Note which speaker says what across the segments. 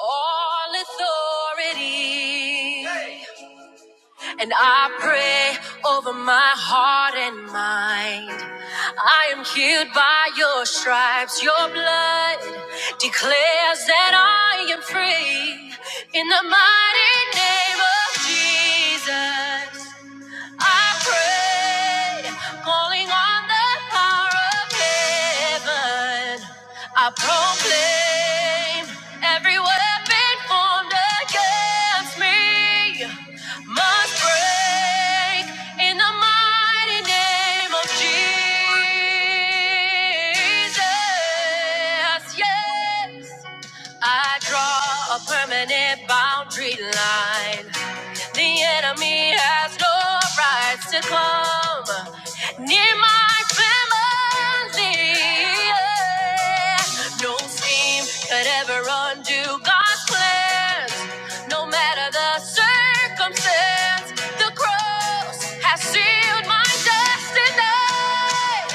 Speaker 1: all authority. hey. And I pray over my heart and mind. I am healed by your stripes. Your blood declares that I am free. In the mighty name of Jesus. I prayed, calling on the power of heaven. I proclaim every weapon formed against me must break in the mighty name of Jesus. Yes. I draw a permanent boundary line. The enemy has no rights to come near my family. Yeah. No scheme could ever undo God's plans, no matter the circumstance. The cross has sealed my destiny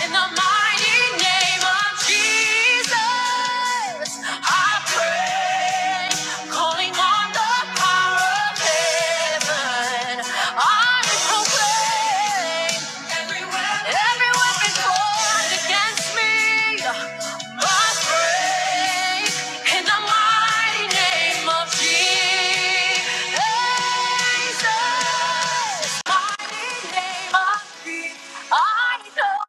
Speaker 1: in the mighty name of Jesus. Jesus, I I pray, calling on the the power of heaven. every every weapon, every weapon formed against me. must break in the mighty name of Jesus, Mighty name of Jesus. I know.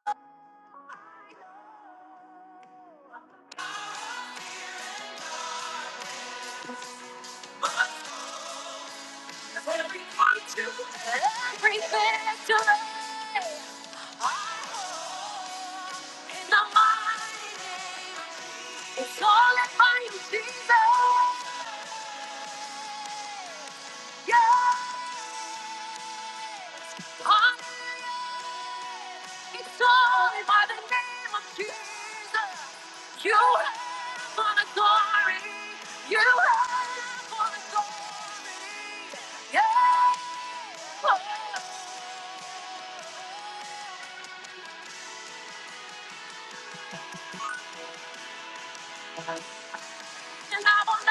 Speaker 1: will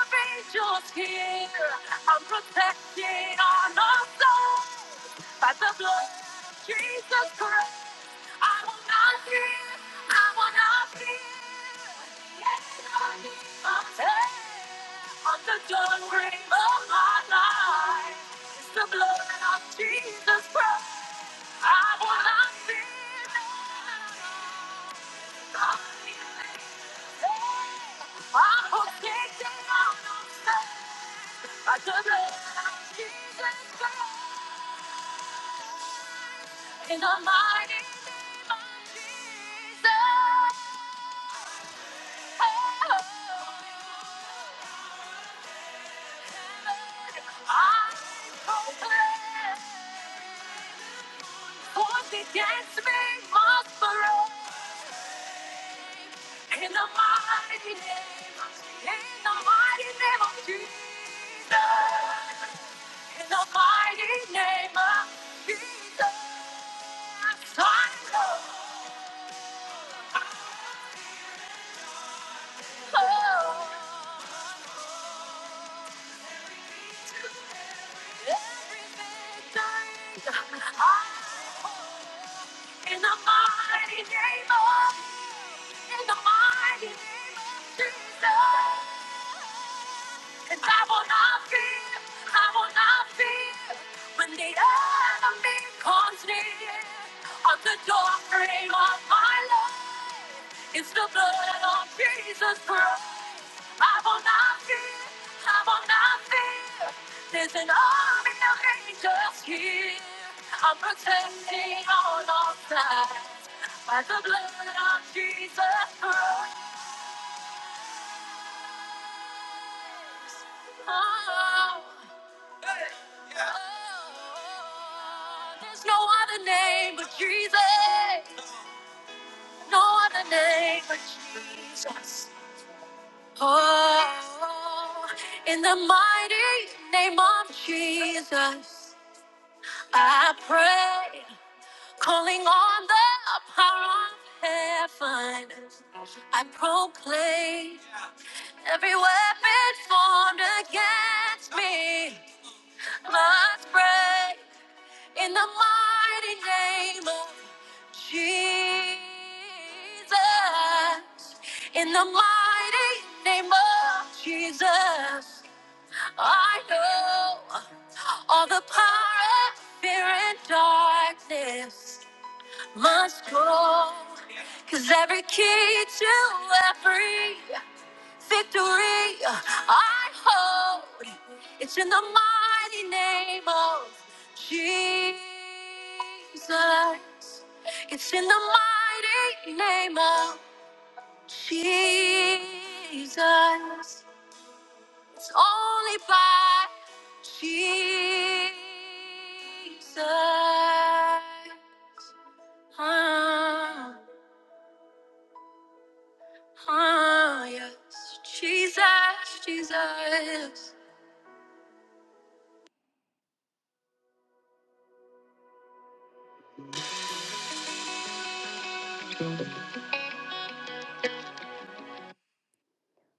Speaker 1: of protected Oh, There's no other name but Jesus. No other name but Jesus. Oh, in the mighty name of Jesus, I pray. Calling on the power of heaven, I proclaim every weapon formed against me must break in the mighty name of Jesus, in the mighty name of Jesus, I know all the power of fear and darkness must go. Cause every key to every victory I hold. It's in the mighty name of Jesus. It's in the mighty name of Jesus. It's only by Jesus. Ah, ah, yes. Jesus, Jesus.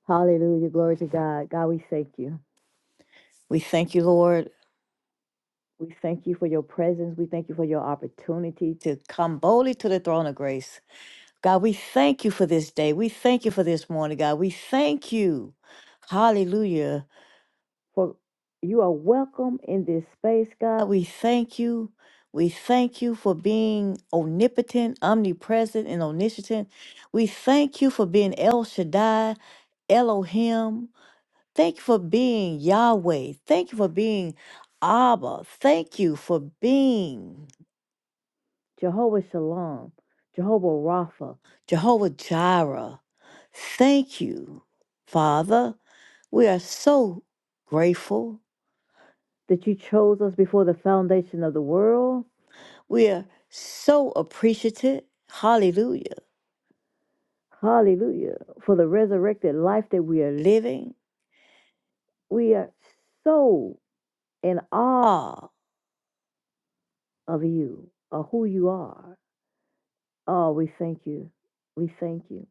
Speaker 1: Hallelujah. Glory to God. God, we thank you. We thank you, Lord. We thank you for your presence. We thank you for your opportunity to come boldly to the throne of grace. God, we thank you for this day. We thank you for this morning, God. We thank you. Hallelujah. For you are welcome in this space, God. We thank you. We thank you for being omnipotent, omnipresent, and omniscient. We thank you for being El Shaddai, Elohim. Thank you for being Yahweh. Thank you for being Abba. Thank you for being Jehovah Shalom, Jehovah Rapha, Jehovah Jireh. Thank you, Father. We are so grateful that you chose us before the foundation of the world. We are so appreciative. Hallelujah. Hallelujah. For the resurrected life that we are living. We are so in awe of you or who you are. Oh, we thank you. We thank you.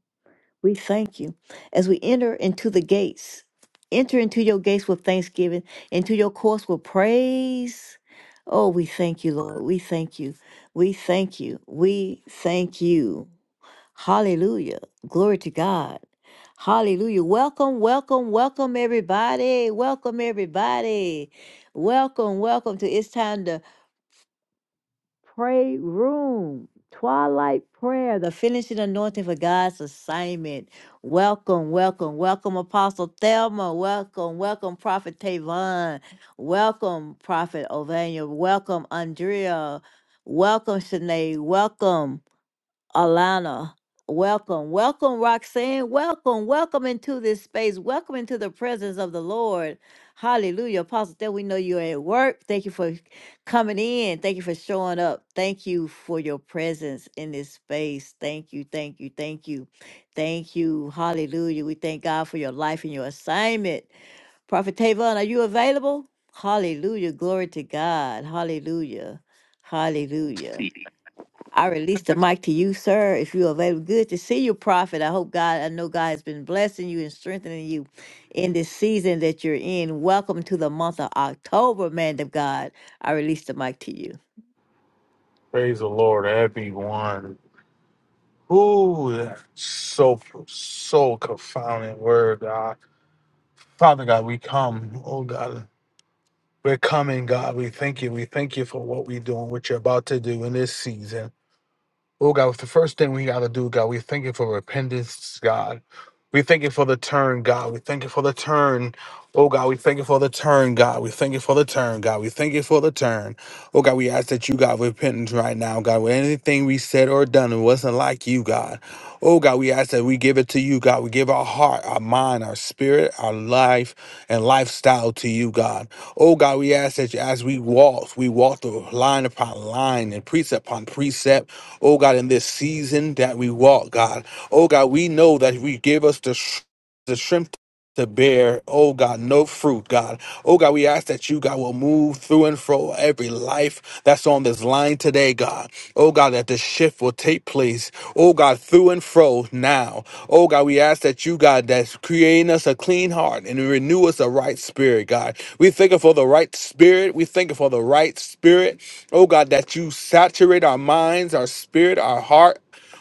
Speaker 1: We thank you. As we enter into the gates, enter into your gates with thanksgiving, into your courts with praise. Oh, we thank you, Lord. We thank you. We thank you. We thank you. Hallelujah. Glory to God. Hallelujah. Welcome, welcome, welcome, everybody. Welcome, everybody. Welcome, welcome to It's Time to Pray room, twilight prayer, the finishing anointing for God's assignment. Welcome, welcome, welcome, Apostle Thelma. Welcome, welcome, Prophet Tavon. Welcome, Prophet Ovania. Welcome, Andrea. Welcome, Shanae. Welcome. Alana, welcome, welcome, Roxanne, welcome, welcome into this space, welcome into the presence of the Lord. Hallelujah. Apostle, that we know you're at work. Thank you for coming in. Thank you for showing up. Thank you for your presence in this space. Thank you, thank you, thank you, thank you. Hallelujah. We thank God for your life and your assignment. Prophet Tavon, are you available? Hallelujah. Glory to God. Hallelujah. Hallelujah. I release the mic to you, sir. If you're available, good to see you, prophet. I hope God, I know God has been blessing you and strengthening you in this season that you're in. Welcome to the month of October, man of God. I release the mic to you.
Speaker 2: Praise the Lord, everyone. Ooh, that's so so confounding word, God. Father God, we come, oh God. We're coming, God. We thank you. We thank you for what we're doing, what you're about to do in this season. Oh God, the first thing we gotta do, God, we thank you for repentance, God. We thank you for the turn, God. We thank you for the turn. Oh God, we thank you for the turn, God. We thank you for the turn, God. We thank you for the turn. Oh God, we ask that you, God, repentance right now, God. With anything we said or done, it wasn't like you, God. Oh God, we ask that we give it to you, God. We give our heart, our mind, our spirit, our life, and lifestyle to you, God. Oh God, we ask that you, as we walk, we walk through line upon line and precept upon precept. Oh God, in this season that we walk, God. Oh God, we know that if you give us the, sh- the strength to bear, oh God, no fruit, God. Oh God, we ask that you, God, will move through and fro every life that's on this line today, God. Oh God, that the shift will take place oh God, through and fro now. Oh God, we ask that you, God, that's creating us a clean heart and renew us a right spirit, God. We thank you for the right spirit. We thank you for the right spirit. Oh God, that you saturate our minds, our spirit, our heart,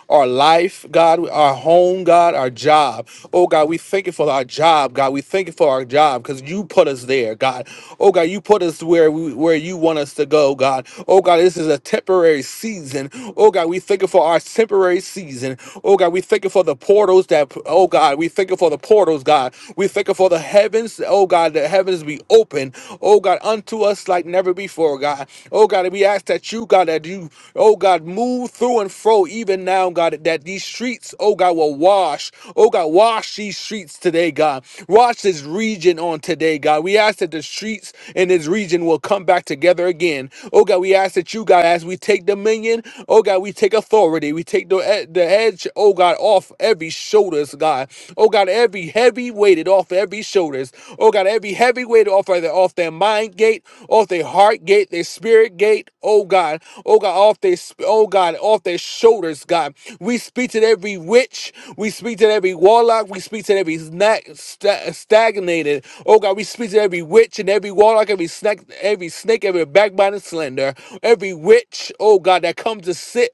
Speaker 2: our life, God, our home, God, our job. Oh, God, we thank you for our job, God. We thank you for our job because you put us there, God. Oh, God, you put us where we, where you want us to go, God. Oh, God, this is a temporary season. Oh, God, we thank you for our temporary season. Oh God, we thank you for the portals that, oh God, we thank you for the portals, God. We thank you for the heavens, oh God, the heavens be open, oh God, unto us like never before, God. Oh God, and we ask that you, God, that you, oh God, move through and fro even now, God, that these streets, oh God, will wash, oh God, wash these streets today, God. Wash this region on today, God. We ask that the streets in this region will come back together again. Oh God, we ask that you, God, as we take dominion, oh God, we take authority authority. We take the, e, the edge, oh God, off every shoulders, God. Oh God, every heavy weighted off every shoulders. Oh God, every heavy weight off of their off their mind gate, off their heart gate, their spirit gate. Oh God, oh God, off their sp- oh God, off their shoulders, God. We speak to every witch. We speak to every warlock. We speak to every snack sta- stagnated. Oh God, we speak to every witch and every warlock, every snack, every snake, every backbiting slender, every witch. Oh God, that comes to sit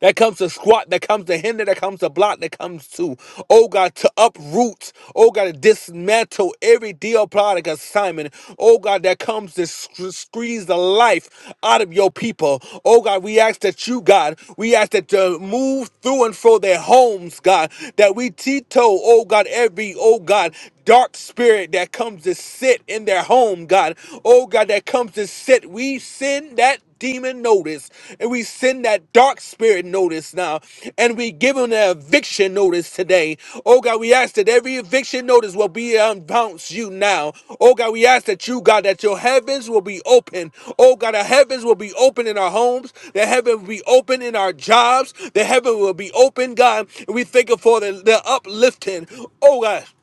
Speaker 2: that comes to squat, that comes to hinder, that comes to block, that comes to, oh God, to uproot, oh God, to dismantle every deal product assignment, oh God, that comes to sc- squeeze the life out of your people. Oh God, we ask that you, God, we ask that to move through and fro their homes, God, that we teeter, oh God, every, oh God, dark spirit that comes to sit in their home, God. Oh, God, that comes to sit. We send that demon notice and we send that dark spirit notice now and we give them an eviction notice today oh god we ask that every eviction notice will be unbounced you now oh god we ask that you god that your heavens will be open oh god the heavens will be open in our homes the heaven will be open in our jobs the heaven will be open god and we thank you for the, the uplifting oh god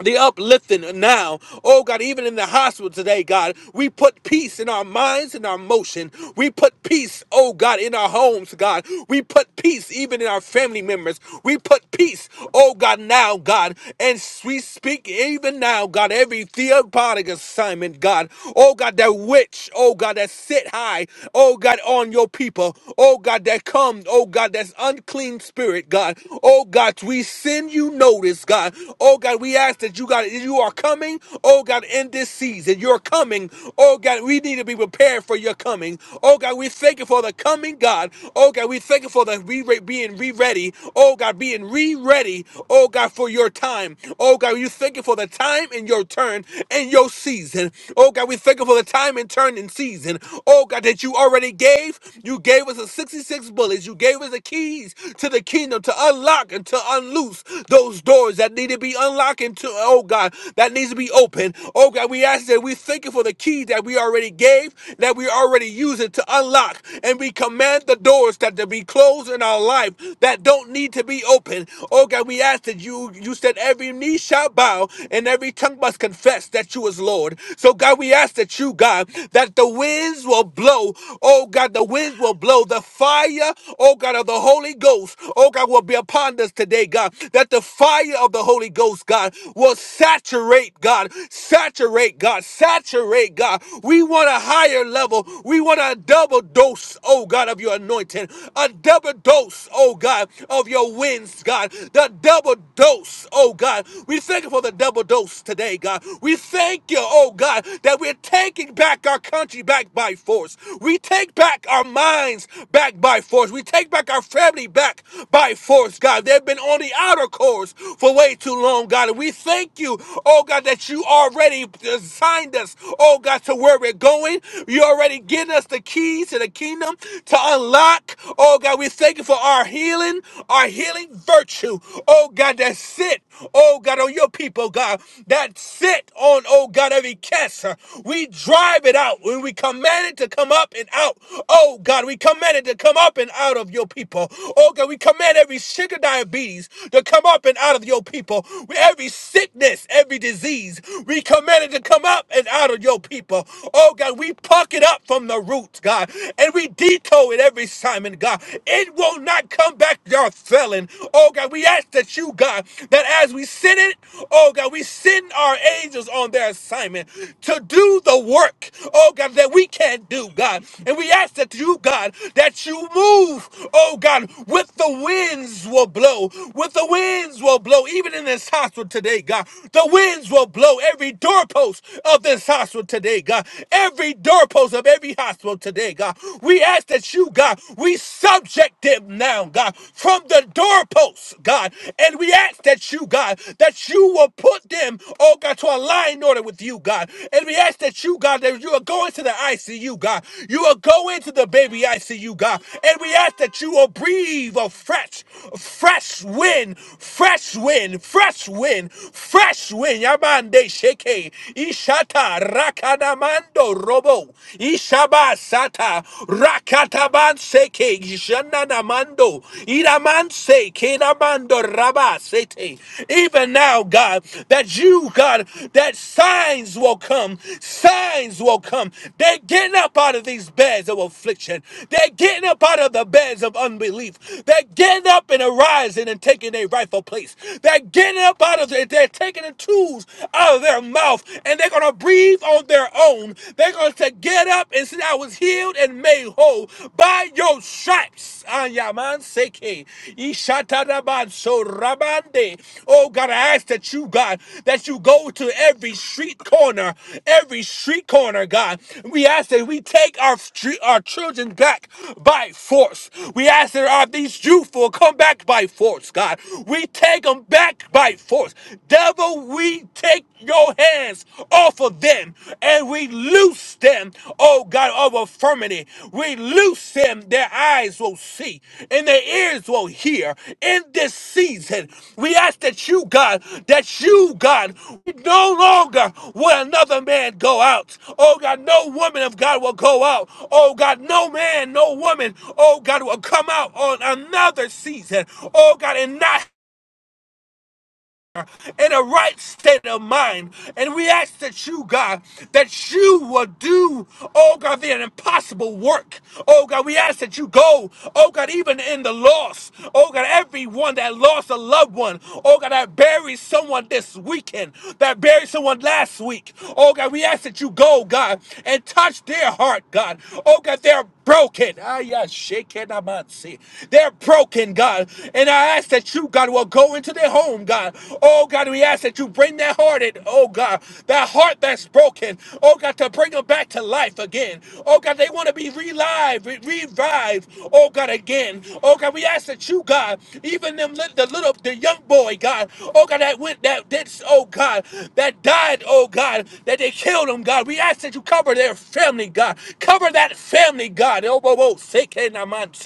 Speaker 2: the uplifting now. Oh God, even in the hospital today, God, we put peace in our minds and our motion. We put peace, oh God, in our homes, God. We put peace even in our family members. We put peace, oh God, now, God. And we speak even now, God, every theopodic assignment, God. Oh God, that witch, oh God, that sit high, oh God, on your people. Oh God, that comes, oh God, that's unclean spirit, God. Oh God, we send you notice, God. Oh God, we ask ask that you got you are coming, oh God, in this season. You're coming, oh God. We need to be prepared for your coming, oh God. We thank you for the coming, God. Oh God, we thank you for the re- being re-ready, oh God, being re-ready, oh God, for your time, oh God. We thank you for the time and your turn and your season, oh God. We thank you for the time and turn and season, oh God, that you already gave. You gave us the 66 bullets. You gave us the keys to the kingdom to unlock and to unloose those doors that need to be unlocked talking to, oh God, that needs to be open. Oh God, we ask that we thank you for the key that we already gave, that we already use it to unlock. And we command the doors that to be closed in our life that don't need to be open. Oh God, we ask that you you said every knee shall bow and every tongue must confess that you is Lord. So God, we ask that you, God, that the winds will blow. Oh God, the winds will blow. The fire, oh God, of the Holy Ghost, oh God, will be upon us today, God. That the fire of the Holy Ghost Ghost, God, will saturate, God, saturate, God, saturate, God. We want a higher level. We want a double dose, oh God, of your anointing, a double dose, oh God, of your winds, God, the double dose, oh God. We thank you for the double dose today, God. We thank you, oh God, that we're taking back our country back by force. We take back our minds back by force. We take back our family back by force, God. They've been on the outer course for way too long, God. And we thank you, oh God, that you already designed us, oh God, to where we're going. You already given us the keys to the kingdom to unlock. Oh God, we thank you for our healing, our healing virtue. Oh God, that sit, oh God, on your people, God. That sit on, oh God, every cancer. We drive it out when we command it to come up and out. Oh God, we command it to come up and out of your people. Oh God, we command every sugar diabetes to come up and out of your people people. With every sickness, every disease, we command it to come up and out of your people. Oh God, we pluck it up from the roots, God, and we detour it every Simon, God. It will not come back, your felon. Oh God, we ask that you, God, that as we send it, oh God, we send our angels on their assignment to do the work, oh God, that we can't do, God. And we ask that you, God, that you move, oh God, with the winds will blow, with the winds will blow even in this hospital today, God. The winds will blow every doorpost of this hospital today, God. Every doorpost of every hospital today, God. We ask that you, God, we subject them now, God, from the doorposts, God. And we ask that you, God, that you will put them, oh God, to a line order with you, God. And we ask that you, God, that you are going to the ICU, God. You will go into the baby ICU, God. And we ask that you will breathe a fresh, fresh wind, fresh fresh wind, fresh wind, fresh wind. Yabande sheke, ishata rakadamando robo, ishaba sata rakataban seke, ishananamando, iraman seke, namando raba sete. Even now, God, that you, God, that signs will come, signs will come. They're getting up out of these beds of affliction. They're getting up out of the beds of unbelief. They're getting up and arising and taking their rightful place place. They're getting up out of there. They're taking the tools out of their mouth and they're going to breathe on their own. They're going to get up and say, I was healed and made whole by your stripes. Ayaman seke. Ishatadaban so rabande. Oh God, I ask that you, God, that you go to every street corner, every street corner, God. We ask that we take our street, our children back by force. We ask that our, these youth will come back by force, God. We we take them back by force. Devil, we take your hands off of them and we loose them, oh God, of affirmity. We loose them, their eyes will see and their ears will hear in this season. We ask that you, God, that you, God, no longer will another man go out. Oh God, no woman of God will go out. Oh God, no man, no woman, oh God, will come out on another season. Oh God, and not in a right state of mind. And we ask that you, God, that you will do, oh God, the impossible work. Oh God, we ask that you go, oh God, even in the loss. Oh God, everyone that lost a loved one. Oh God, that buried someone this weekend, that buried someone last week. Oh God, we ask that you go, God, and touch their heart, God. Oh God, their broken. Ah, yeah, shaken amansi. They're broken, God. And I ask that you, God, will go into their home, God. Oh, God, we ask that you bring that heart in. Oh, God, that heart that's broken. Oh, God, to bring them back to life again. Oh, God, they want to be relive, re- revived. Oh, God, again. Oh, God, we ask that you, God, even them, lit- the little, the young young boy, God. Oh God, that went that did oh God, that died, oh God, that they killed him, God. We ask that you cover their family, God. Cover that family, God. Oh, oh, oh, sick hey, nah,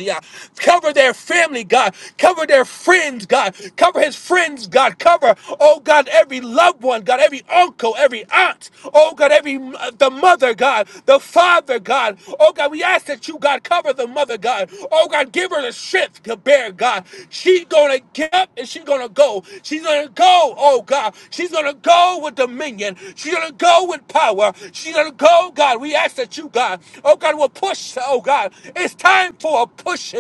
Speaker 2: ah. Cover their family, God. Cover their friends, God. Cover his friends, God. Cover, oh God, every loved one, God, every uncle, every aunt, oh God, every the mother, God, the father, God. Oh, God, we ask that you, God, cover the mother, God. Oh, God, give her the strength to bear, God. She's going to get up and she's going to go. She's going to go, oh, God. She's going to go with dominion. She's going to go with power. She's going to go, God. We ask that you, God, oh, God, will push, oh, God. It's time for a push.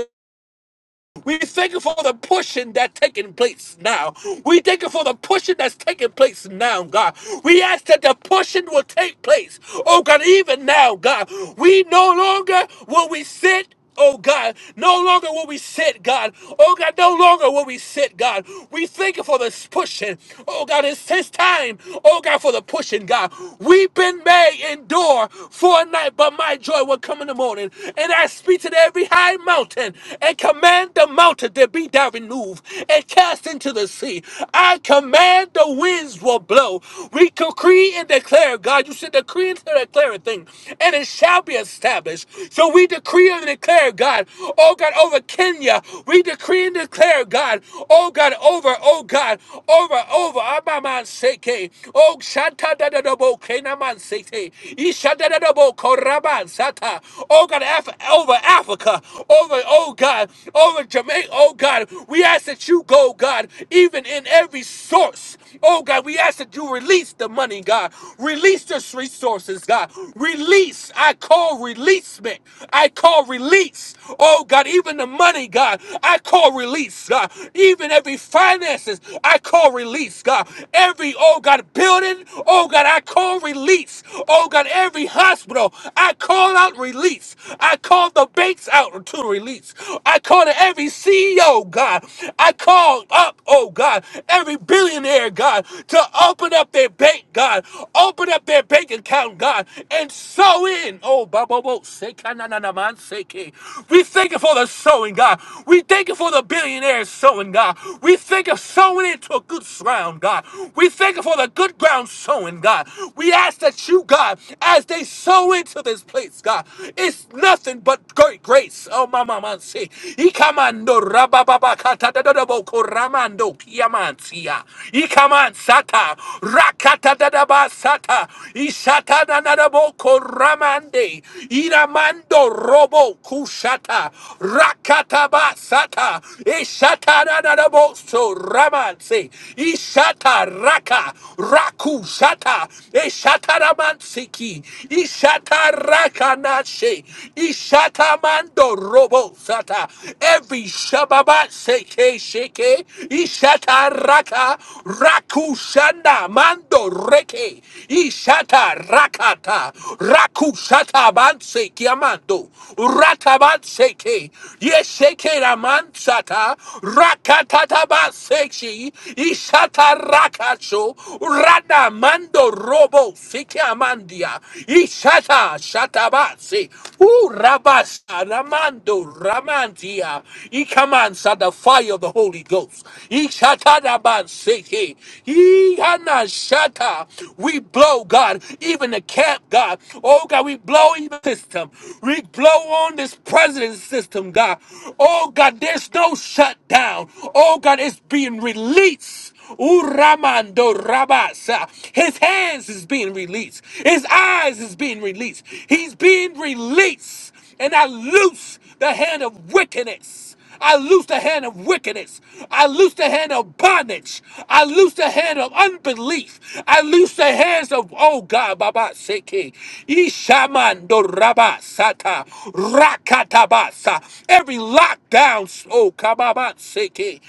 Speaker 2: We thank you for the pushing that's taking place now. We thank you for the pushing that's taking place now, God. We ask that the pushing will take place. Oh God, even now, God. We no longer will we sit. Oh God, no longer will we sit, God. Oh God, no longer will we sit, God. We thank you for this pushing. Oh God, it's his time. Oh God, for the pushing, God. Weeping may endure for a night, but my joy will come in the morning. And I speak to every high mountain mountain and command the mountain to be thou removed and cast into the sea. I command the winds will blow. We decree and declare, God, you said decree and declare a thing, and it shall be established. So we decree and declare, God, oh God, over Kenya. We decree and declare, God, oh God, over, oh God, over, over, Abaman Seke, oh Shanta da da da bo, Kenaman Seke, Isha da da da bo, Koraban Sata, oh God, F- over Africa, over, oh God, over Jamaica, oh God. We ask that you go, God, even in every source. Oh God, we ask that you release the money, God. Release this resources, God. Release. I call releasement. I call release. Oh God, even the money, God. I call release, God. Even every finances, I call release, God. Every, oh God, building, oh God, I call release. Oh God, every hospital, I call out God release. I call the banks out to release. I call to every CEO, God. I call up, oh God, every billionaire, God, to open up their bank, God. Open up their bank account, God, and sow in. Oh, Babo, man, seke. we thank you for the sowing, God. We thank you for the billionaires sowing, God. We thank you for sowing into a good ground, God. We thank you for the good ground sowing, God. We ask that you, God, as they sow sow into this place, God. It's nothing but great grace. Oh, my mama, see. Ikamando rabababa katadadadabo koramando kiamantia. Ikaman sata rakatadadaba sata. Ishata nanadabo koramande. Iramando robo kushata. Rakataba sata. Ishata nanadabo so ramanse. Ishata raka raku shata. Ishata Ishatamansiki, Ishatarakanashe, Ishatamando Robo Sata, every Shababa Seke Sheke, Ishataraka, Rakushanda Mando Reke, Ishatarakata, Rakushata Banse Kiamando, Ratabanseke, Yesheke Ramansata, Rakatata Banseki, Ishatarakacho, Radaman. Mando robo sikiamandia. Ishata shatabasi. Urabas ramando ramandia. Ikamansa the fire of the Holy Ghost. Ishata siki. Ihana shata. We blow, God, even the camp, God. Oh God, we blow even the system. We blow on this president system, God. Oh God, there's no shutdown. Oh God, it's being released. Uramando rabasa, His hands is being released. His eyes is being released. He's being released. And I loose the hand of wickedness. I loose the hand of wickedness. I loose the hand of bondage. I loose the hand of unbelief. I loose the hands of, oh God, Baba Seke. Ishamando Rabasata. Rakatabasa. Every lockdown, oh Kababa Seke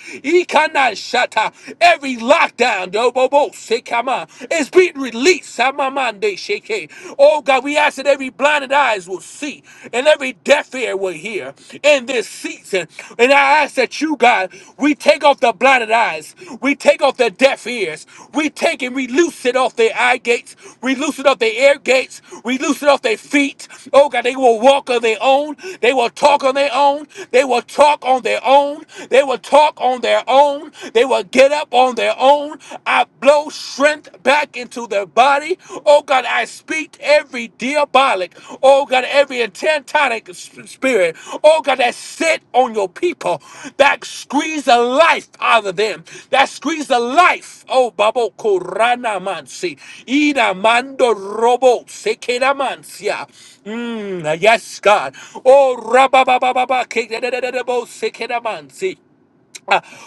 Speaker 2: shata. Every lockdown, dobobo, sekama, is being released. Samamande sheke. Oh God, we ask that every blinded eyes will see and every deaf ear will hear in this season. And I ask that you, God, we take off the blinded eyes, we take off the deaf ears, we take and we loose it off their eye gates, we loose it off their ear gates, we loose it off their feet. Oh God, they will walk on their own, they will talk on their own, they will talk on their own, they will talk on their their own. They will get up on their own. I blow strength back into their body. Oh God, I speak to every diabolic, oh God, every intentonic s- spirit, oh God, that sit on your people, that squeeze the life out of them, that squeeze the life. Oh, Babo Korana Mansi, Ina Mando Robo, Sekeda Mansia. Mm, yes, God. Oh, Rabba Baba Baba, Sekeda Mansi.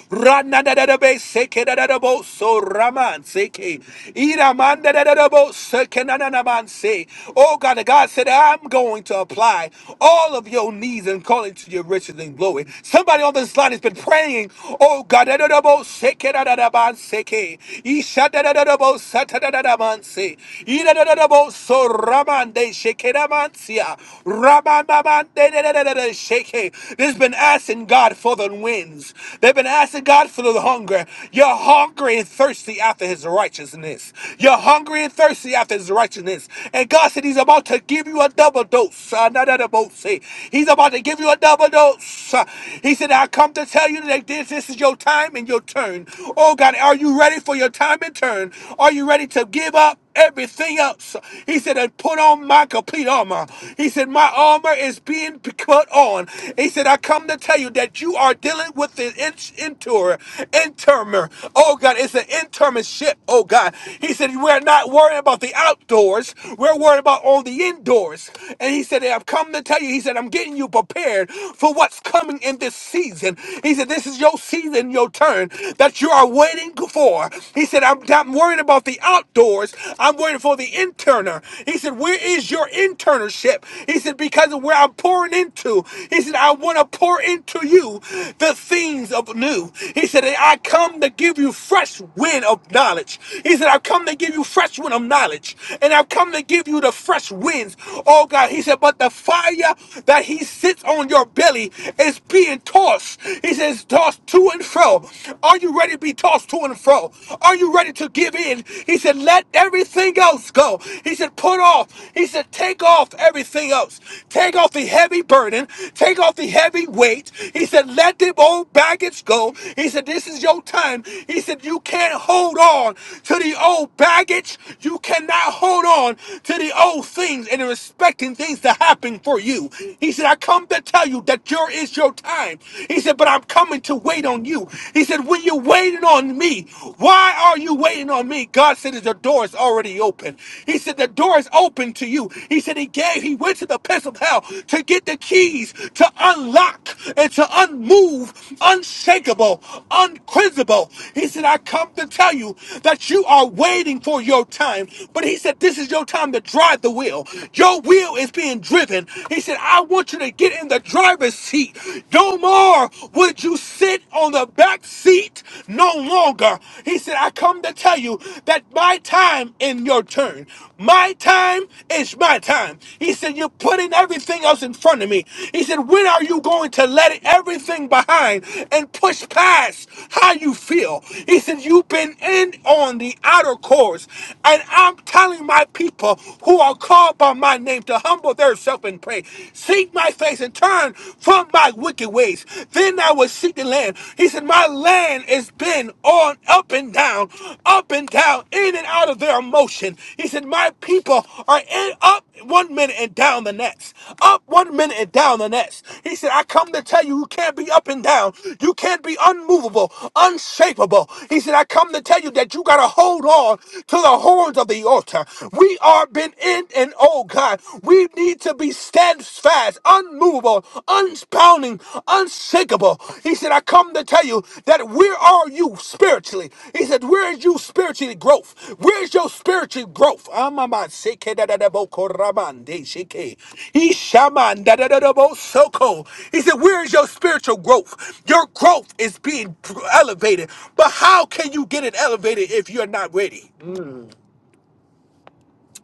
Speaker 2: Rana da da da be seke da da da bo so raman seke. Iraman da da da da bo seke na na na man se. Oh God, God said, I'm going to apply all of your needs and call it to your riches and glory. Somebody on this line has been praying. Oh God, da da da bo seke da da da man seke. Isha da da da da bo sa ta da da da man se. Ira da da da bo so raman de seke da man sia. Raman da man de da da da da sheke today that's been asking God for the winds. They've been asking God for the hunger. You're hungry and thirsty after his righteousness. You're hungry and thirsty after his righteousness. And God said he's about to give you a double dose. Uh, not a double say. He's about to give you a double dose. Uh, He said, I come to tell you that this, this is your time and your turn. Oh God, are you ready for your time and turn? Are you ready to give up? everything else. He said, and put on my complete armor. He said, my armor is being put on. He said, I come to tell you that you are dealing with an inter, intermer. Oh God, it's an intermer ship. Oh God. He said, we're not worrying about the outdoors. We're worried about all the indoors. And he said, "Hey, I've come to tell you, he said, I'm getting you prepared for what's coming in this season. He said, this is your season, your turn that you are waiting for. He said, he said, I'm not worried about the outdoors. I'm worried for the interner. He said, Where is your internship? He said, Because of where I'm pouring into. He said, I want to pour into you the things of new. He said, "And I come to give you fresh wind of knowledge. He said, I've come to give you fresh wind of knowledge. And I've come to give you the fresh winds. Oh God. He said, But the fire that he sits on your belly is being tossed. He says, tossed to and fro. Are you ready to be tossed to and fro? Are you ready to give in? He said, Let everything else go. He said, Put off. He said, Take off everything else. Take off the heavy burden. Take off the heavy weight. He said, Let the old baggage go. He said, This is your time. He said, You can't hold on to the old baggage. You cannot hold on to the old things and expecting things to happen for you. He said, I come to tell you that your is your time. He said, But I'm coming to wait on you. He said, When you're waiting on me, why are you waiting on me? God said, The door is already open. He said, The door is open to you. He said, He gave, He went to the pits of hell to get the keys to unlock and to unmove, unshakable, unquenchable. He said, I come to tell you that you are waiting for your time. But He said, This is your time to drive the wheel. Your wheel is being driven. He said, I want you to get in in the driver's seat. No more would you sit on the back seat no longer. He said, I come to tell you that my time in your turn. My time is my time. He said, You're putting everything else in front of me. He said, When are you going to let it- everything behind and push past how you feel? He said, You've been in on the outer course. And I'm telling my people who are called by my name to humble humble thyself and pray. Seek my face and turn from my wicked ways. Then I will seek the land. He said, My land has been on up and down, up and down, in and out of their emotion. He said, My people are in up one minute and down the next. Up one minute and down the next. He said, I come to tell you, you can't be up and down. You can't be unmovable, unshakable. He said, I come to tell you that you got to hold on to the horns of the altar. We are been in and oh God, we need to be steadfast, unmovable, unspounding, unshakable. He said, I come to tell you that where are you spiritually? He said, Where is you spiritually growth? Where's your spiritual growth? Amama seke da da da bo koramande sheke. Ishaman da da da da bo soko. He said, Where is your spiritual growth? Your growth is being elevated, but how can you get it elevated if you're not ready?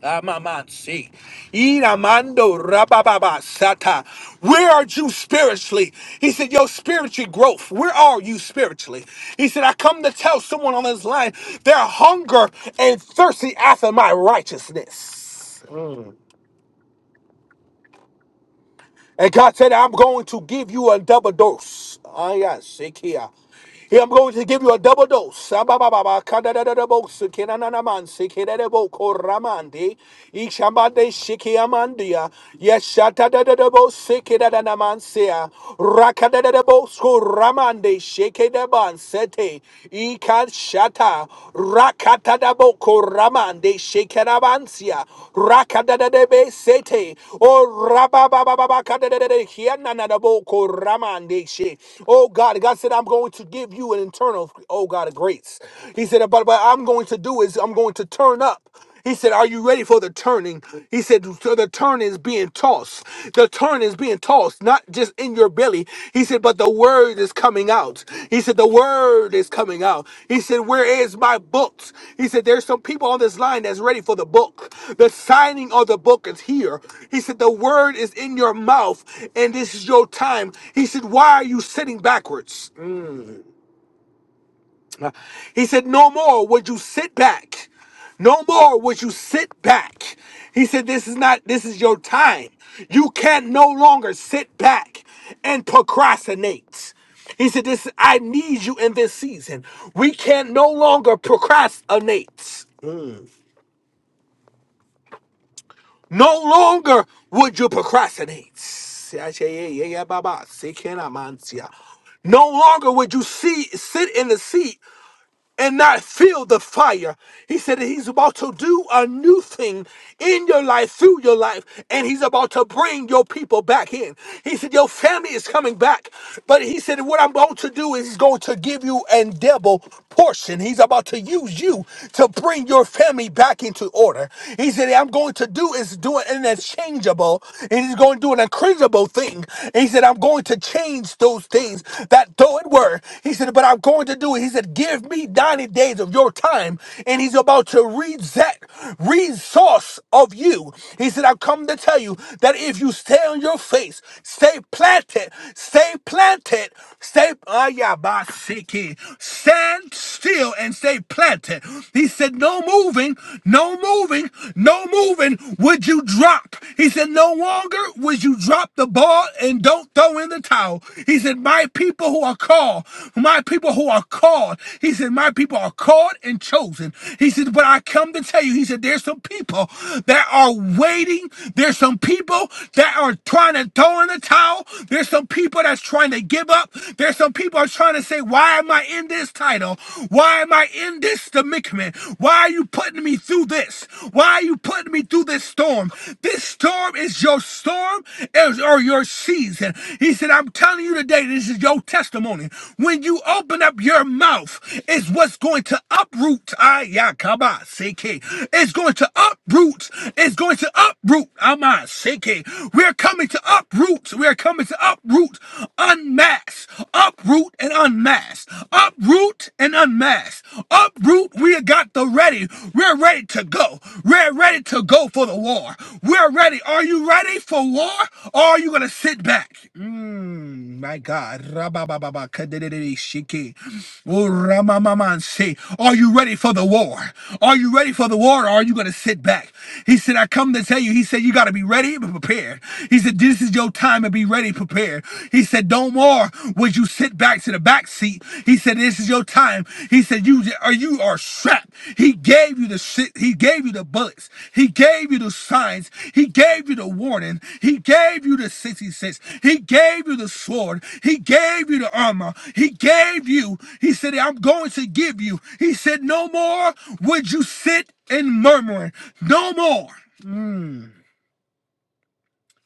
Speaker 2: Amamansi. Iramando rabababa sata. Where are you spiritually? He said, Your spiritual growth. Where are you spiritually? He said, I come to tell someone on this line they're hunger and thirsty after my righteousness. And God said, I'm going to give you a double dose. Ah, yes, sick here. Here, I'm going to give you a double dose. Ah, ba, ba, ba, ba, ka, da, da, da, da, bo, si, ki, na, na, na, man, si, ki, da, da, bo, ko, ra, man, di. Ik, sha, ba, de, shi, ki, ya, man, di, ya. Yes, sha, ta, da, da, da, bo, si, ki, da, da, na, man, si, ya. Ra, ka, da, da, da, bo, sko, ra, man, di, shi, ki, da, man, se, te shata rakatadabo koramande shekerabansia rakadadebe sete o rababababakadadede hiananadabo koramande she. Oh God, God said I'm going to give you an internal oh God grace. He said, but what I'm going to do is I'm going to turn up. He said, Are you ready for the turning? He said, So the turn is being tossed. The turn is being tossed, not just in your belly. He said, But the word is coming out. He said, The word is coming out. He said, Where is my books? He said, There's some people on this line that's ready for the book. The signing of the book is here. He said, The word is in your mouth, and this is your time. He said, Why are you sitting backwards? He said, No more would you sit back. No more would you sit back. He said, This is not, this is your time. You can no longer sit back and procrastinate. He said, This I need you in this season. We can no longer procrastinate. No longer would you procrastinate. No longer would you see, sit in the seat and not feel the fire. He said that he's about to do a new thing in your life, through your life, and he's about to bring your people back in. He said, Your family is coming back. But he said, What I'm going to do is he's going to give you an double portion. He's about to use you to bring your family back into order. He said, I'm going to do is do an unchangeable, and he's going to do an incredible thing. he said, I'm going to change those things that though it were. He said, But I'm going to to do it. He said, Give me 90 days of your time. And he's about to reset resource of you. He said, I've come to tell you that if you stay on your face, stay planted, stay planted, stay Ah, yeah, bah, siki. stand still and stay planted. He said, No moving, no moving, no moving would you drop. He said, No longer would you drop the ball and don't throw in the towel. He said, My people who are called called. My people who are called. He said, My people are called and chosen. He said, But I come to tell you, he said, There's some people that are waiting. There's some people that are trying to throw in the towel. There's some people that's trying to give up. There's some people are trying to say, Why am I in this title? Why am I in this predicament? Why are you putting me through this? Why are you putting me through this storm? This storm is your storm is- or your season. He said, I'm telling you today today, this is your testimony. When you open up your mouth, is what's going to uproot. Ayakaba seke. It's going to uproot. It's going to uproot. Ama seke. We're coming to uproot. We're coming to uproot, unmask, uproot and unmask, uproot and unmask, uproot. We got the ready. We're ready to go. We're ready to go for the war. We're ready. Are you ready for war? Or are you gonna sit back? Mm, my God. Rabababa, kadididi, shiki. Oh, Ramamaman, say, Are you ready for the war? Are you ready for the war or are you going to sit back? He said, I come to tell you. He said, You got to be ready and prepared. He said, This is your time to be ready prepared. He said, No more would you sit back to the back seat. He said, This is your time. He said, "You are you are strapped." He gave you the shit. He gave you the bullets. He gave you the signs. He gave you the warning. He gave you the sixty-six. He gave you the sword. He gave you the armor. He gave you. He said, "I'm going to give you." He said, "No more would you sit and murmuring. No more."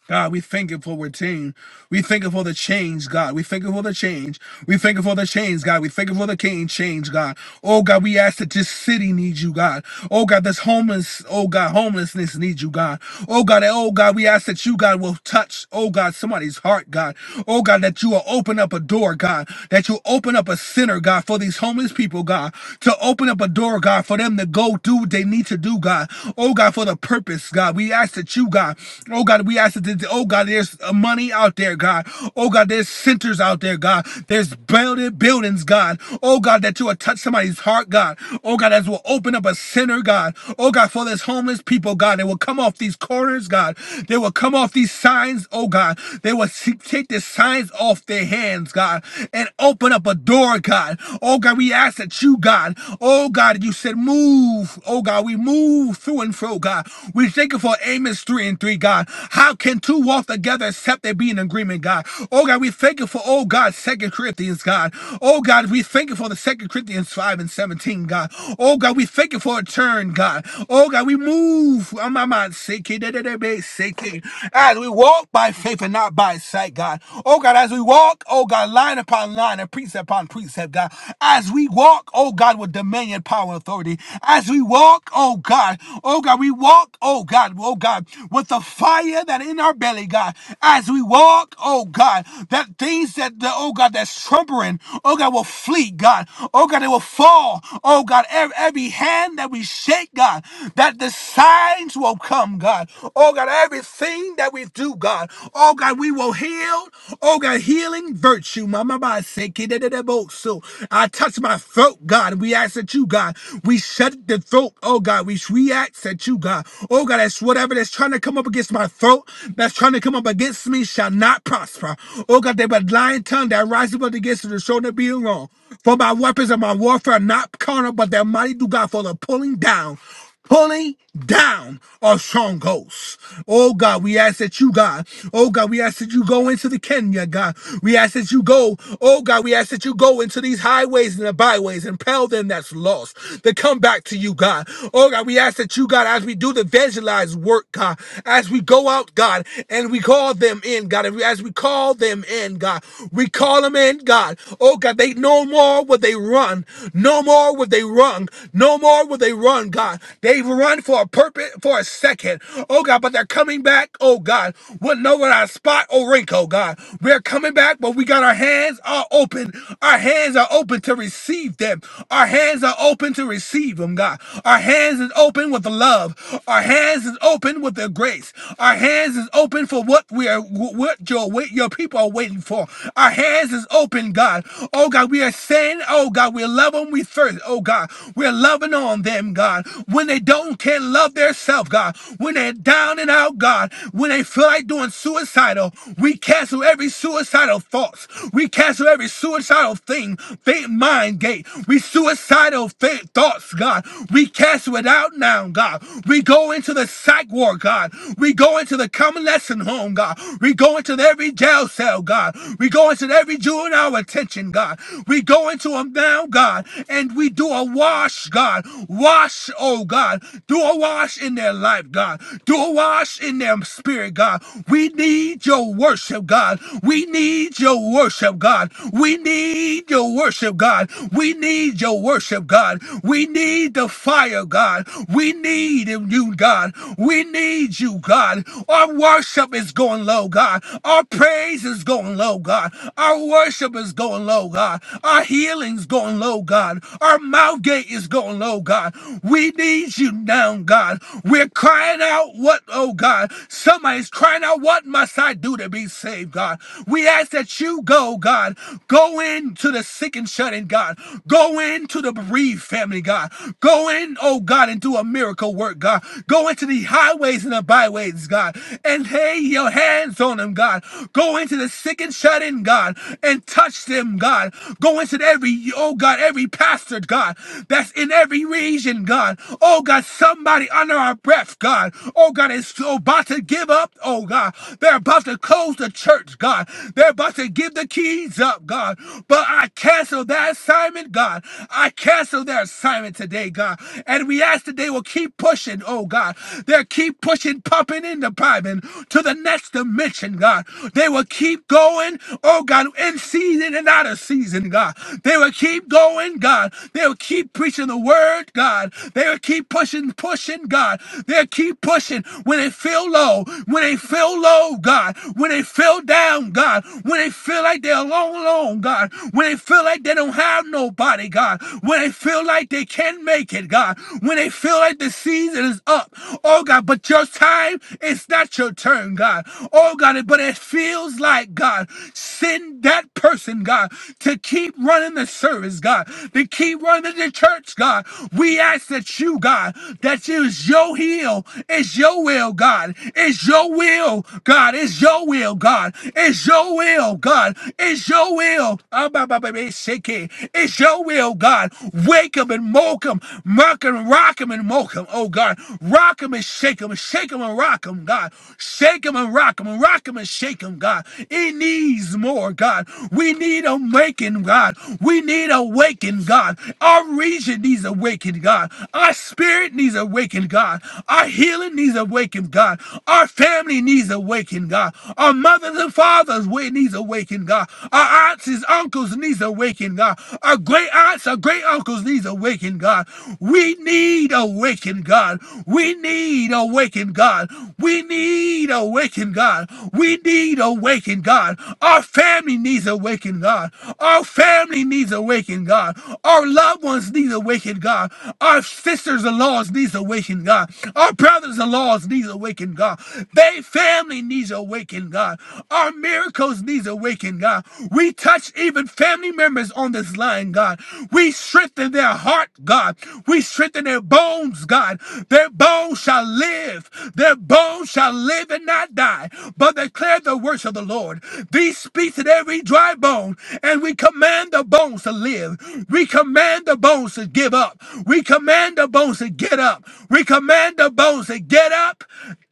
Speaker 2: God, we thank you for retain. We thank you for the change, God. We thank you for the change. We thank you for the change, God. We thank you for the king change, God. Oh God, we ask that this city needs you, God. Oh God, this homeless, oh God, homelessness needs you, God. Oh God, and oh God, we ask that you, God, will touch, oh God, somebody's heart, God. Oh God, that you will open up a door, God. That you open up a center, God, for these homeless people, God. To open up a door, God, for them to go do what they need to do, God. Oh God, for the purpose, God. We ask that you, God. Oh God, we ask that ask oh God, there's uh, money out there, God. Oh God, there's centers out there, God. There's building buildings, God. Oh God, that you will touch somebody's heart, God. Oh God, that will open up a center, God. Oh God, for this homeless people, God, they will come off these corners, God. They will come off these signs, oh God. They will see- take the signs off their hands, God, and open up a door, God. Oh God, we ask that you, God. Oh God, you said move. Oh God, we move through and fro, God. We thank you for Amos 3 and 3, God. How how can two walk together except they be in agreement, God? Oh God, we thank you for, oh God, Second Corinthians, God. Oh God, we thank you for the Second Corinthians 5 and 17, God. Oh God, we thank you for a turn, God. Oh God, we move. Oh my mind, sick, eh, da, da, da, ba, sick, eh. As we walk by faith and not by sight, God. Oh God, as we walk, oh God, line upon line and precept upon precept, God. As we walk, oh God, with dominion, power, and authority. As we walk, oh God, oh God, we walk, oh God, oh God, with the fire that that in our belly, God, as we walk, oh God, that things that the oh God that's trumpering, oh God, will flee, God. Oh God, it will fall. Oh God, every, every hand that we shake, God, that the signs will come, God. Oh God, everything that we do, God. Oh God, we will heal. Oh God, healing virtue. Mama Ba say, "Kidididabo." So I touch my throat, God. We ask that you, God, we shut the throat. Oh God, we we ask that you, God. Oh God, that's whatever that's trying to come up against my throat throat that's trying to come up against me shall not prosper. Oh God, they but lying tongue that rises up against you to show that being wrong. For my weapons and my warfare are not carnal, but they're mighty do God for the pulling down pulling down our strongholds. Oh God, we ask that you, God, oh God, we ask that you go into the Kenya, God. We ask that you go, oh God, we ask that you go into these highways and the byways and pell them that's lost to come back to you, God. Oh God, we ask that you, God, as we do the evangelized work, God, as we go out go out, God, and we call them in, God. And we, as we call them in, God, we call them in, God. Oh, God, they no more would they run. No more would they run. No more would they run, God. They've run for a purpose, for a second. Oh, God, but they're coming back, oh, God, with no without spot or wrinkle, God. We're coming back, but we got our hands are open. Our hands are open to receive them. Our hands are open to receive them, God. Our hands is open with the love. Our hands is open with the grace. Our hands is open for what we are, what your wait, your people are waiting for. Our hands is open, God. Oh God, we are saying, oh God, we love them. We first, oh God, we're loving on them, God. When they don't can love themselves, God. When they're down and out, God. When they feel like doing suicidal, we cancel every suicidal thoughts. We cancel every suicidal thing, faint mind gate. We suicidal faint thoughts, God. We cancel it out now, God. We go into the psych war, God. We go go into the common lesson, home, God. We go into every jail cell, God. We go into every juvenile attention, God. We go into them now, God, and we do a wash, God. Wash, oh God. Do a wash in their life, God. Do a wash in their spirit, God. We need your worship, God. We need your worship, God. We need your worship, God. We need your worship, God. We need the fire, God. We need you, God. We need you, God. God. Our worship is going low, God. Our praise is going low, God. Our worship is going low, God. Our healing's going low, God. Our mouth gate is going low, God. We need you now, God. We're crying out, what, oh God. Somebody's crying out, what must I do to be saved, God? We ask that you go, God. Go into the sick and shut in, God. Go into the bereaved family, God. Go in, oh God, and do a miracle work, God. Go into the highways and the byways airways, God, and lay your hands on them, God. Go into the sick and shut in, God, and touch them, God. Go into every, oh God, every pastor, God, that's in every region, God. Oh God, somebody under our breath, God. Oh God, is so about to give up, oh God. They're about to close the church, God. They're about to give the keys up, God. But I cancel that assignment, God. I cancel their assignment today, God. And we ask that they will keep pushing, oh God. They'll keep pushing popping in the popping to the next dimension, God. They will keep going, oh God, in season and out of season, God. They will keep going, God. They will keep preaching the word, God. They will keep pushing, pushing, God. They'll keep pushing when they feel low, when they feel low, God. When they feel down, God. When they feel like they're alone, alone, God. When they feel like they don't have nobody, God. When they feel like they can't make it, God. When they feel like the season is up, oh God, but your time time, it's not your turn, God. Oh, God, but it feels like, God, send that person, God, to keep running the service, God, to keep running the church, God. We ask that you, God, that you your heel, it's your will, God, it's your will, God, it's your will, God, it's your will, God, it's your will. Ah, ba, ba, ba, ba, shake it. It's your will, God. Wake 'em and moke 'em, muck 'em, rock 'em and moke 'em. Oh God, rock 'em and shake 'em, shake 'em Shake 'em and rock 'em, God. Shake 'em and rock 'em, rock 'em and shake 'em, God. It needs more, God. We need a making, God. We need awakened, God. Our region needs awakened, God. Our spirit needs awakened, God. Our healing needs awakened, God. Our family needs awakened, God. Our mothers and fathers we needs awakened, God. Our aunts and uncles needs awakened, God. Our great aunts, our great uncles needs awakened, God. We need awakened, God. We need awakened, awakened God. We need a awakened God. We need a awakened God. Our family needs a awakened God. Our family needs a awakened God. Our loved ones need a awakened God. Our sisters-in-laws needs a awakened God. Our brothers-in-laws needs a awakened God. They family needs a awakened God. Our miracles needs a awakened God. We touch even family members on this line, God. We strengthen their heart, God. We strengthen their bones, God. Their bones shall live live. Their bones shall live and not die, but declare the works of the Lord. These speaks in every dry bone, and we command the bones to live. We command the bones to give up. We command the bones to get up. We command the bones to get up.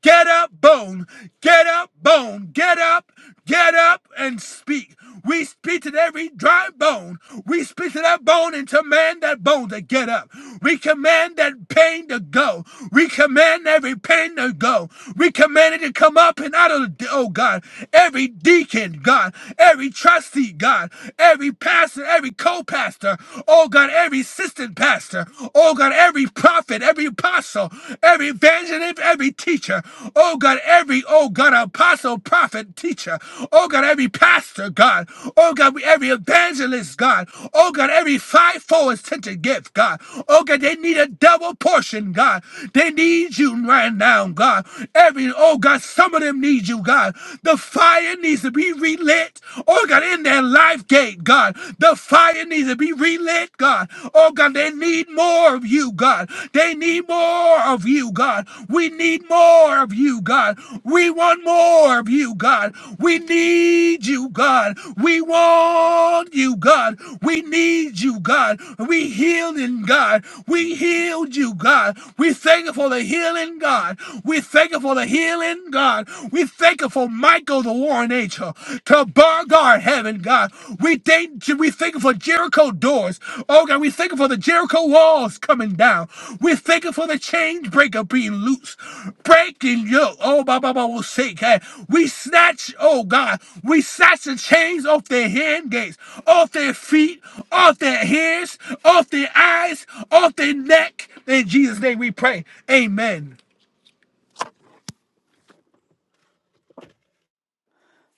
Speaker 2: Get up, bone. Get up, bone. Get up. Get up and speak. We speak to every dry bone. We speak to that bone and command that bone to get up. We command that pain to go. We command every pain to go. We command it to come up and out of the, oh God, every deacon, God, every trustee, God, every pastor, every co-pastor, oh God, every assistant pastor, oh God, every prophet, every apostle, every every evangelist, every teacher. Oh God, every, oh God, apostle, prophet, teacher. Oh God, every pastor, God. Oh God, every evangelist, God. Oh God, every fivefold attention gift, God. Oh God, they need a double portion, God. They need you right now, God. Every, oh God, some of them need you, God. The fire needs to be relit. Oh God, in their life gate, God. The fire needs to be relit led, God. Oh, God, they need more of you, God. They need more of you, God. We need more of you, God. We want more of you, God. We need you, God. We want you, God. We need you, God. We healed in God. We healed you, God. We thank you for the healing, God. We thank you for the healing, God. We thank you for Michael, the warring angel angel to bar guard heaven, God. We thank you. We thank you for Jericho doors. Oh God, we thank you for the Jericho walls coming down. We thank you for the chain breaker being loose, breaking yoke. Oh, my, Baba, Baba will say, hey, we snatch. Oh God, we snatch the chains off their hand gates, off their feet, off their hands, off their eyes, off their neck. In Jesus' name, we pray. Amen.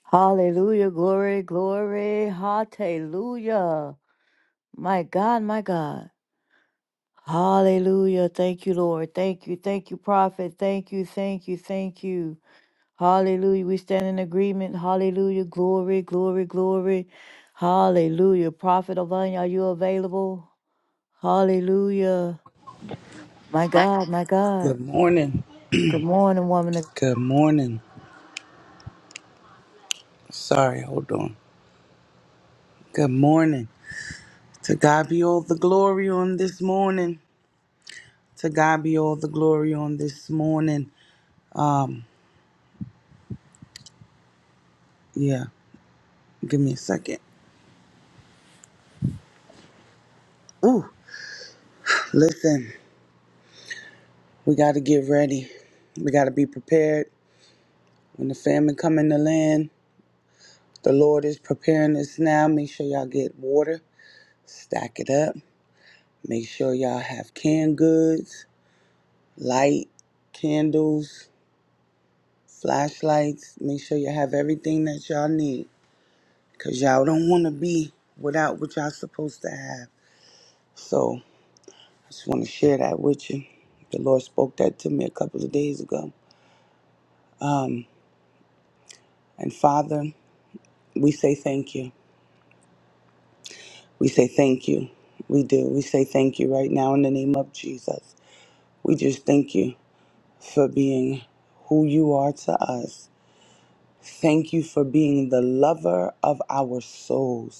Speaker 1: Hallelujah, glory, glory, hallelujah. My God, my God. Hallelujah. Thank you, Lord. Thank you, thank you, prophet. Thank you, thank you, thank you. Hallelujah. We stand in agreement. Hallelujah. Glory, glory, glory. Hallelujah. Prophet Avanya, are you available? Hallelujah. My God, my God.
Speaker 3: Good morning.
Speaker 1: Good morning, woman of
Speaker 3: Good morning. Sorry, hold on. Good morning. To God be all the glory on this morning. To God be all the glory on this morning. Um, yeah. Give me a second. Ooh, listen. We got to get ready. We got to be prepared. When the famine come in the land, the Lord is preparing us now. Make sure y'all get water. Stack it up. Make sure y'all have canned goods, light, candles. flashlights. Make sure you have everything that y'all need because y'all don't want to be without what y'all supposed to have. So I just want to share that with you. The Lord spoke that to me a couple of days ago. Um, and Father, we say thank you. We say thank you. We do. We say thank you right now in the name of Jesus. We just thank you for being who you are to us. Thank you for being the lover of our souls.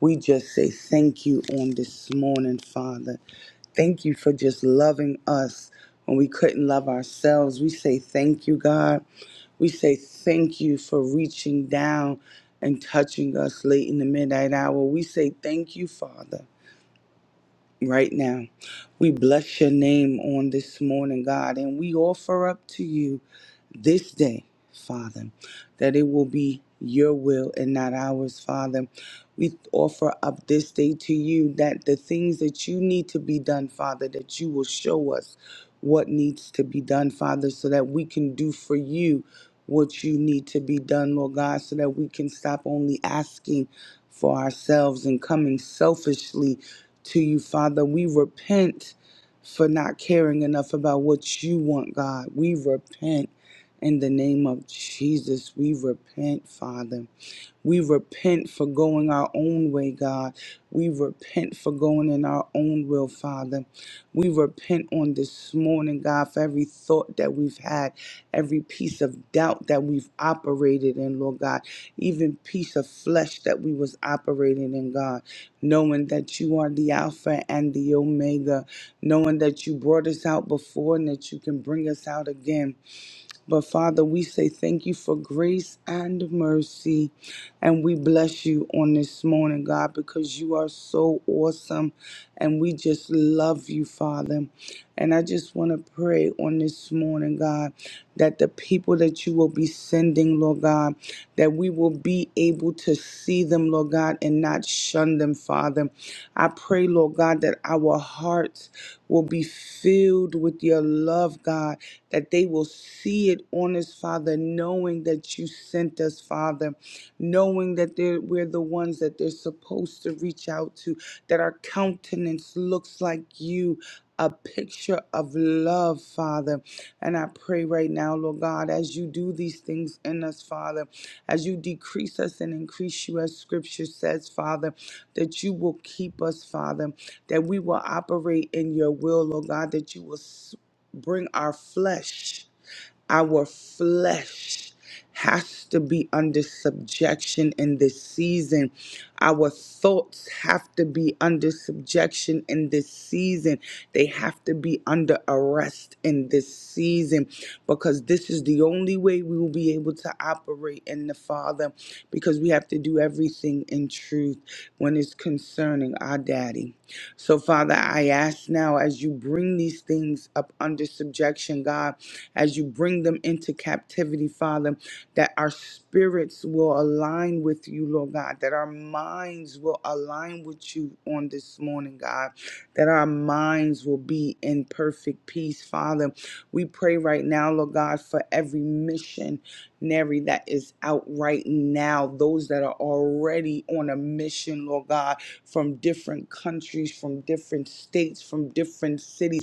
Speaker 3: We just say thank you on this morning, Father. Thank you for just loving us when we couldn't love ourselves. We say thank you, God. We say thank you for reaching down and touching us late in the midnight hour. We say thank you, Father, right now. We bless your name on this morning, God, and we offer up to you this day, Father, that it will be your will and not ours, Father. We offer up this day to you that the things that you need to be done, Father, that you will show us what needs to be done, Father, so that we can do for you what you need to be done, Lord God, so that we can stop only asking for ourselves and coming selfishly to you, Father. We repent for not caring enough about what you want, God. We repent in the name of Jesus, we repent, Father. We repent for going our own way, God. We repent for going in our own will, Father. We repent on this morning, God, for every thought that we've had, every piece of doubt that we've operated in, Lord God, even piece of flesh that we was operating in, God, knowing that you are the Alpha and the Omega, knowing that you brought us out before and that you can bring us out again but Father, we say thank you for grace and mercy. And we bless you on this morning, God, because you are so awesome. And we just love you, Father. And I just want to pray on this morning, God, that the people that you will be sending, Lord God, that we will be able to see them, Lord God, and not shun them, Father. I pray, Lord God, that our hearts will be filled with your love, God, that they will see it on this Father, knowing that you sent us, Father, knowing that they're, we're the ones that they're supposed to reach out to, that our countenance looks like you. A picture of love, Father. And I pray right now, Lord God, as you do these things in us, Father, as you decrease us and increase you, as scripture says, Father, that you will keep us, Father, that we will operate in your will, Lord God, that you will s- bring our flesh. Our flesh has to be under subjection in this season. Our thoughts have to be under subjection in this season. They have to be under arrest in this season because this is the only way we will be able to operate in the Father because we have to do everything in truth when it's concerning our daddy. So, Father, I ask now as you bring these things up under subjection, God as you bring them into captivity, Father, that our spirits will align with you, Lord God, that our minds will align with you on this morning, God, that our minds will be in perfect peace, Father. We pray right now, Lord God, for every missionary that is out right now, those that are already on a mission, Lord God, from different countries, from different states, from different cities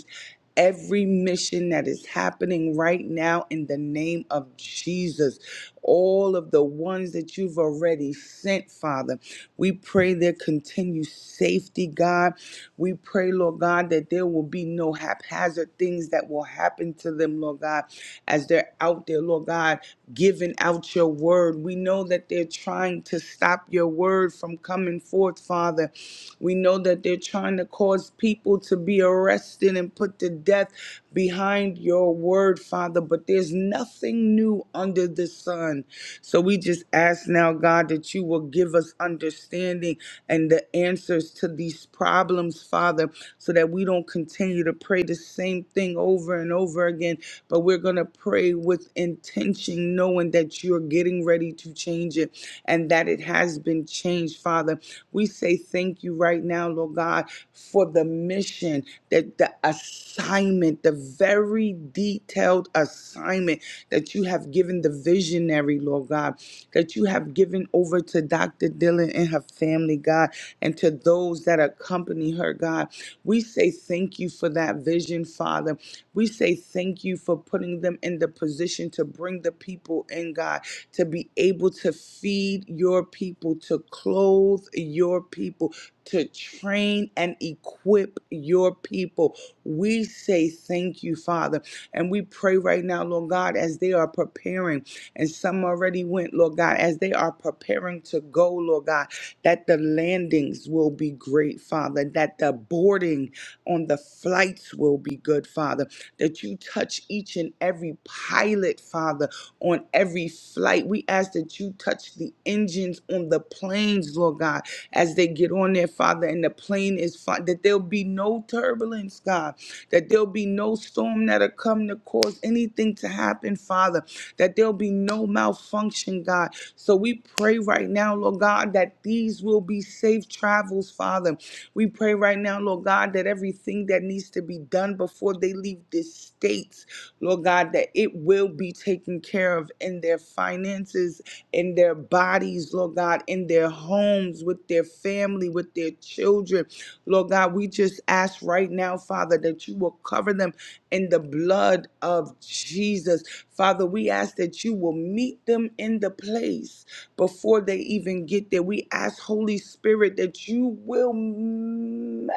Speaker 3: every mission that is happening right now in the name of Jesus. All of the ones that you've already sent, Father. We pray their continued safety, God. We pray, Lord God, that there will be no haphazard things that will happen to them, Lord God, as they're out there, Lord God, giving out your word. We know that they're trying to stop your word from coming forth, Father. We know that they're trying to cause people to be arrested and put to death behind your word, Father, but there's nothing new under the sun. So we just ask now, God, that you will give us understanding and the answers to these problems, Father, so that we don't continue to pray the same thing over and over again, but we're going to pray with intention, knowing that you're getting ready to change it and that it has been changed, Father. We say thank you thank you right now, Lord God, for the mission, that the assignment, the very detailed assignment that you have given the visionary, Lord God, that you have given over to Dr. Dylan and her family, God, and to those that accompany her, God. We say thank you for that vision, Father. We say thank you for putting them in the position to bring the people in, God, to be able to feed your people, to clothe your people, to train and equip your people. We say thank you, Father. And we pray right now, Lord God, as they are preparing, and some already went, Lord God, as they are preparing to go, Lord God, that the landings will be great, Father, that the boarding on the flights will be good, Father that you touch each and every pilot, Father, on every flight. We ask that you touch the engines on the planes, Lord God, as they get on there, Father, and the plane is fine, that there'll be no turbulence, God, that there'll be no storm that occurs that come to cause anything to happen, Father, that there'll be no malfunction, God. So we pray right now, Lord God, that these will be safe travels, Father. We pray right now, Lord God, that everything that needs to be done before they leave this states. Lord God, that it will be taken care of in their finances, in their bodies, Lord God, in their homes, with their family, with their children. Lord God, we just ask right now, Father, that you will cover them in the blood of Jesus. Father, we ask that you will meet them in the place before they even get there. We ask, Holy Spirit, that you will match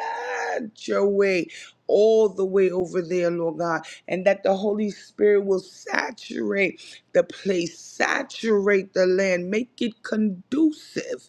Speaker 3: your way all the way over there, Lord God and that the Holy Spirit will saturate the place, saturate the land, make it conducive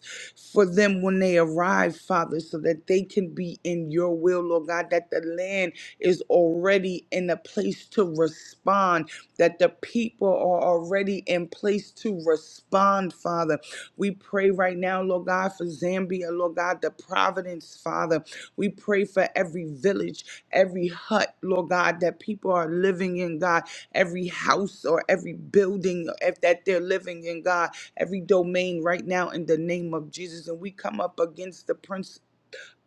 Speaker 3: for them when they arrive, Father, so that they can be in your will, Lord God, that the land is already in a place to respond, that the people are already in place to respond, Father we pray right now, Lord God, for Zambia, Lord God, the Providence, Father. We pray for every village, every hut, Lord God, that people are living in, God, every house or every building if that they're living in, God, every domain right now in the name of Jesus. And we come up against the principalities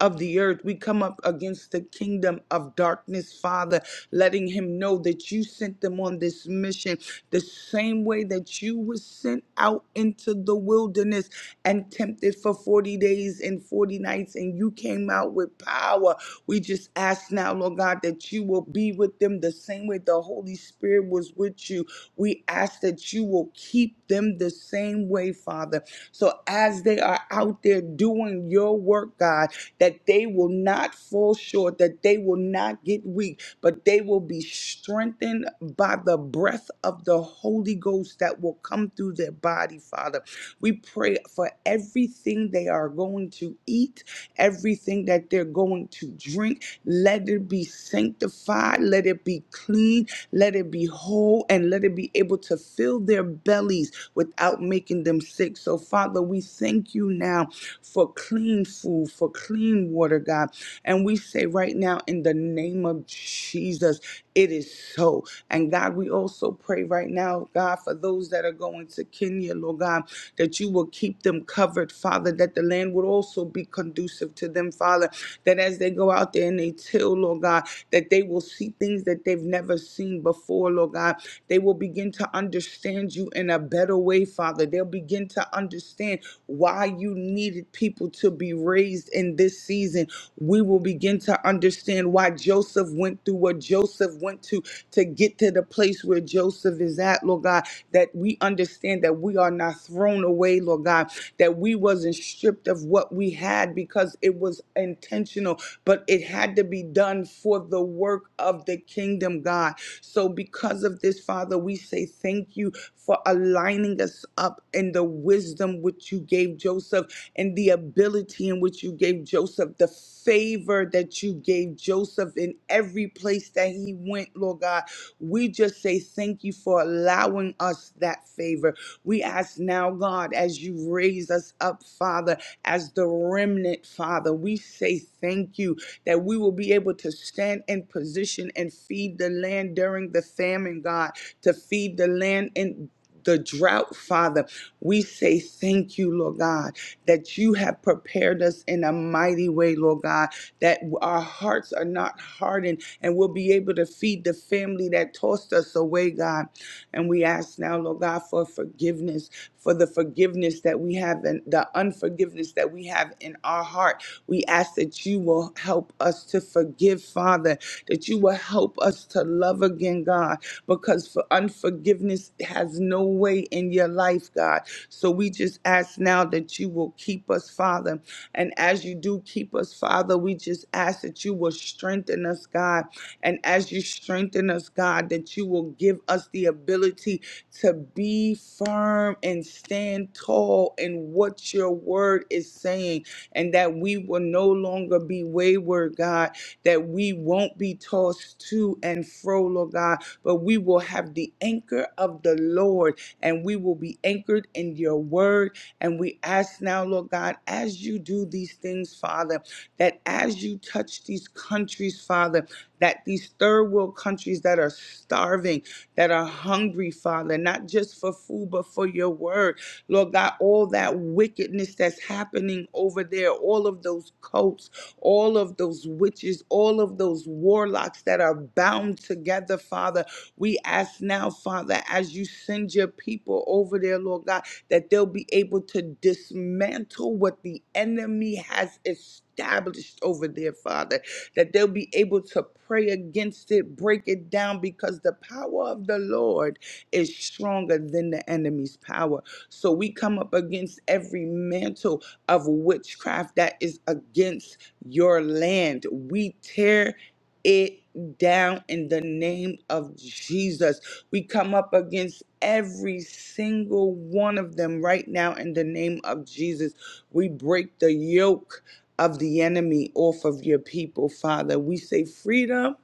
Speaker 3: of the earth. We come up against the kingdom of darkness, Father, letting him know that you sent them on this mission the same way that you were sent out into the wilderness and tempted for 40 days and 40 nights, and you came out with power. We just ask now, Lord God, that you will be with them the same way the Holy Spirit was with you. We ask that you will keep them the same way, Father. So as they are out there doing your work, God, that they will not fall short, that they will not get weak, but they will be strengthened by the breath of the Holy Ghost that will come through their body, Father. We pray for everything they are going to eat, everything that they're going to drink. Let it be sanctified, let it be clean, let it be whole, and let it be able to fill their bellies without making them sick. So, Father, we thank you now for clean food, for clean water, God. And we say right now, in the name of Jesus, it is so. And God, we also pray right now, God, for those that are going to Kenya, Lord God, that you will keep them covered, Father, that the land would also be conducive to them, Father, that as they go out there and they till, Lord God, that they will see things that they've never seen before, Lord God. They will begin to understand you in a better way, Father. They'll begin to understand why you needed people to be raised in this season. We will begin to understand why Joseph went through what Joseph went to to get to the place where Joseph is at, Lord God, that we understand that we are not thrown away, Lord God, that we wasn't stripped of what we had because it was intentional, but it had to be done for the work of the kingdom, God. God. So, because of this, Father, we say thank you for aligning us up in the wisdom which you gave Joseph and the ability in which you gave Joseph, the favor that you gave Joseph in every place that he went, Lord God. We just say thank you for allowing us that favor. We ask now, God, as you raise us up, Father, as the remnant, Father, we say thank you that we will be able to stand in position and feed the land during the famine, God, to feed the land in the drought, Father. We say thank you, Lord God, that you have prepared us in a mighty way, Lord God, that our hearts are not hardened and we'll be be able to feed the family that tossed us away, God. And we ask now, Lord God, for forgiveness, for the forgiveness that we have and the unforgiveness that we have in our heart. We ask that you will help us to forgive, Father, that you will help us to love again, God, because for unforgiveness has no way in your life, God. So we just ask now that you will keep us, Father. And as you do keep us, Father, we just ask that you will strengthen us, God. And as you strengthen us, God, that you will give us the ability to be firm and stand tall in what your word is saying, and that we will no longer be wayward, God, that we won't be tossed to and fro, Lord God, but we will have the anchor of the Lord, and we will be anchored in your word. And we ask now, Lord God, as you do these things, Father, that as you touch these countries, Father, that these third world countries that are starving, that are hungry, Father, not just for food, but for your word. Lord God, all that wickedness that's happening over there, all of those cults, all of those witches, all of those warlocks that are bound together, Father, we ask now, Father, as you send your people over there, Lord God, that they'll be able to dismantle what the enemy has established over there, Father that they'll be able to pray against it, break it down, because the power of the Lord is stronger than the enemy's power. So we come up against every mantle of witchcraft that is against your land. We tear it down in the name of Jesus. We come up against every single one of them right now in the name of Jesus. We break the yoke of the enemy off of your people, Father. We say freedom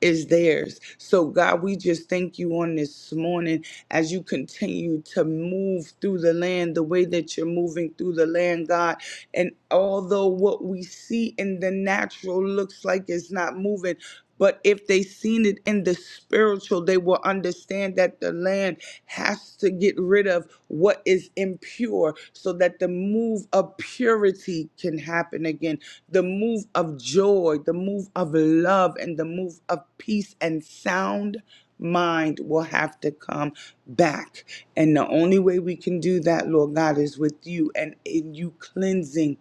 Speaker 3: is theirs. So, God, we just thank you on this morning as you continue to move through the land the way that you're moving through the land, God. And although what we see in the natural looks like it's not moving, but if they seen it in the spiritual, they will understand that the land has to get rid of what is impure so that the move of purity can happen again. The move of joy, the move of love, and the move of peace and sound mind will have to come back. And the only way we can do that, Lord God, is with you and in you cleansing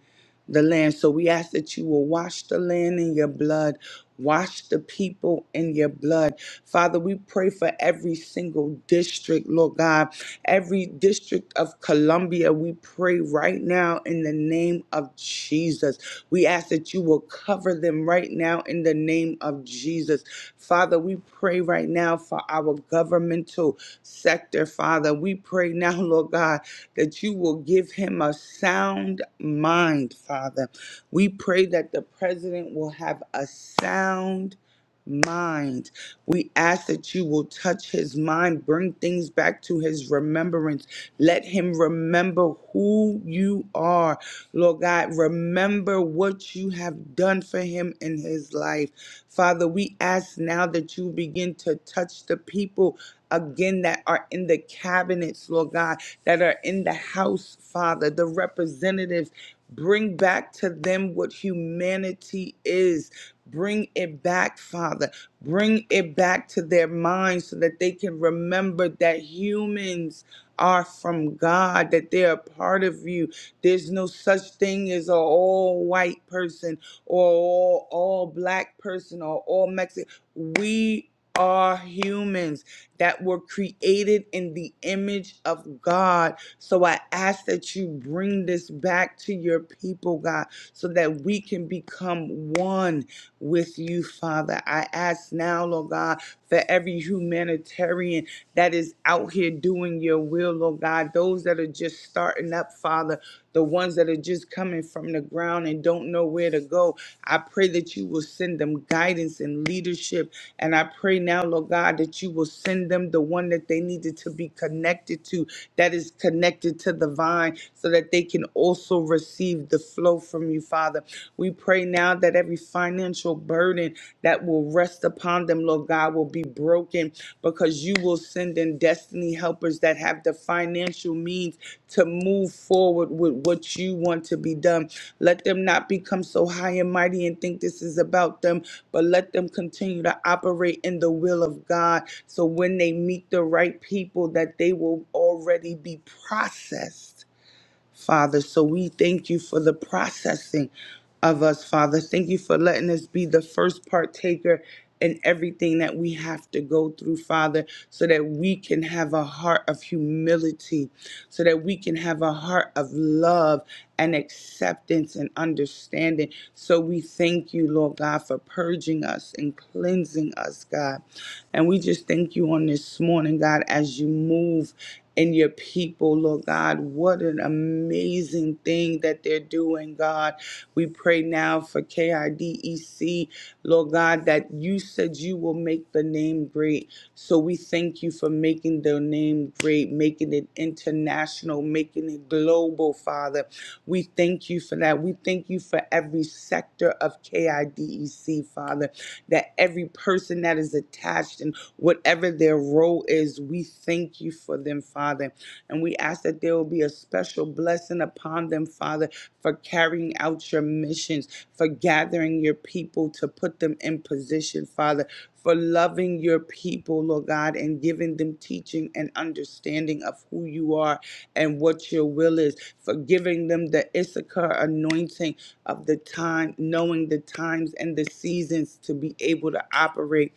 Speaker 3: the land. So we ask that you will wash the land in your blood, wash the people in your blood. Father, we pray for every single district, Lord God, every district of Columbia. We pray right now in the name of Jesus. We ask that you will cover them right now in the name of Jesus. Father, we pray right now for our governmental sector, Father. We pray now, Lord God that you will give him a sound mind, Father. We pray that the president will have a sound mind. We ask that you will touch his mind, bring things back to his remembrance. Let him remember who you are. Lord God, remember what you have done for him in his life. Father, we ask now that you begin to touch the people again that are in the cabinets, Lord God that are in the House, Father, the representatives. Bring back to them what humanity is. Bring it back, Father. Bring it back to their minds so that they can remember that humans are from God, that they're part of you. There's no such thing as an all white person or all, all black person or all Mexican. We are humans that were created in the image of God. So I ask that you bring this back to your people, God, so that we can become one with you, Father. I ask now, Lord God, for every humanitarian that is out here doing your will, Lord God, those that are just starting up, Father, the ones that are just coming from the ground and don't know where to go. I pray that you will send them guidance and leadership and I pray now, Lord God, that you will send them the one that they needed to be connected to, that is connected to the vine, so that they can also receive the flow from you, Father. We pray now that every financial burden that will rest upon them, Lord God, will be broken because you will send in destiny helpers that have the financial means to move forward with what you want to be done. Let them not become so high and mighty and think this is about them, but let them continue to operate in the will of God. So when they meet the right people, that they will already be processed Father. So we thank you for the processing of us, Father. Thank you for letting us be the first partaker in everything that we have to go through, Father, so that we can have a heart of humility, so that we can have a heart of love and acceptance and understanding. So we thank you, Lord God, for purging us and cleansing us, God. And we just thank you on this morning, God, as you move in your people, Lord God. What an amazing thing that they're doing, God. We pray now for KIDEC, Lord God, that you said you will make the name great. So we thank you for making the name great, making it international, making it global, Father. We thank you for that. We thank you for every sector of KIDEC, Father, that every person that is attached and whatever their role is, we thank you for them, Father. And we ask that there will be a special blessing upon them, Father, for carrying out your missions, for gathering your people to put them in position, Father, for loving your people, Lord God, and giving them teaching and understanding of who you are and what your will is, for giving them the Issachar anointing of the time, knowing the times and the seasons to be able to operate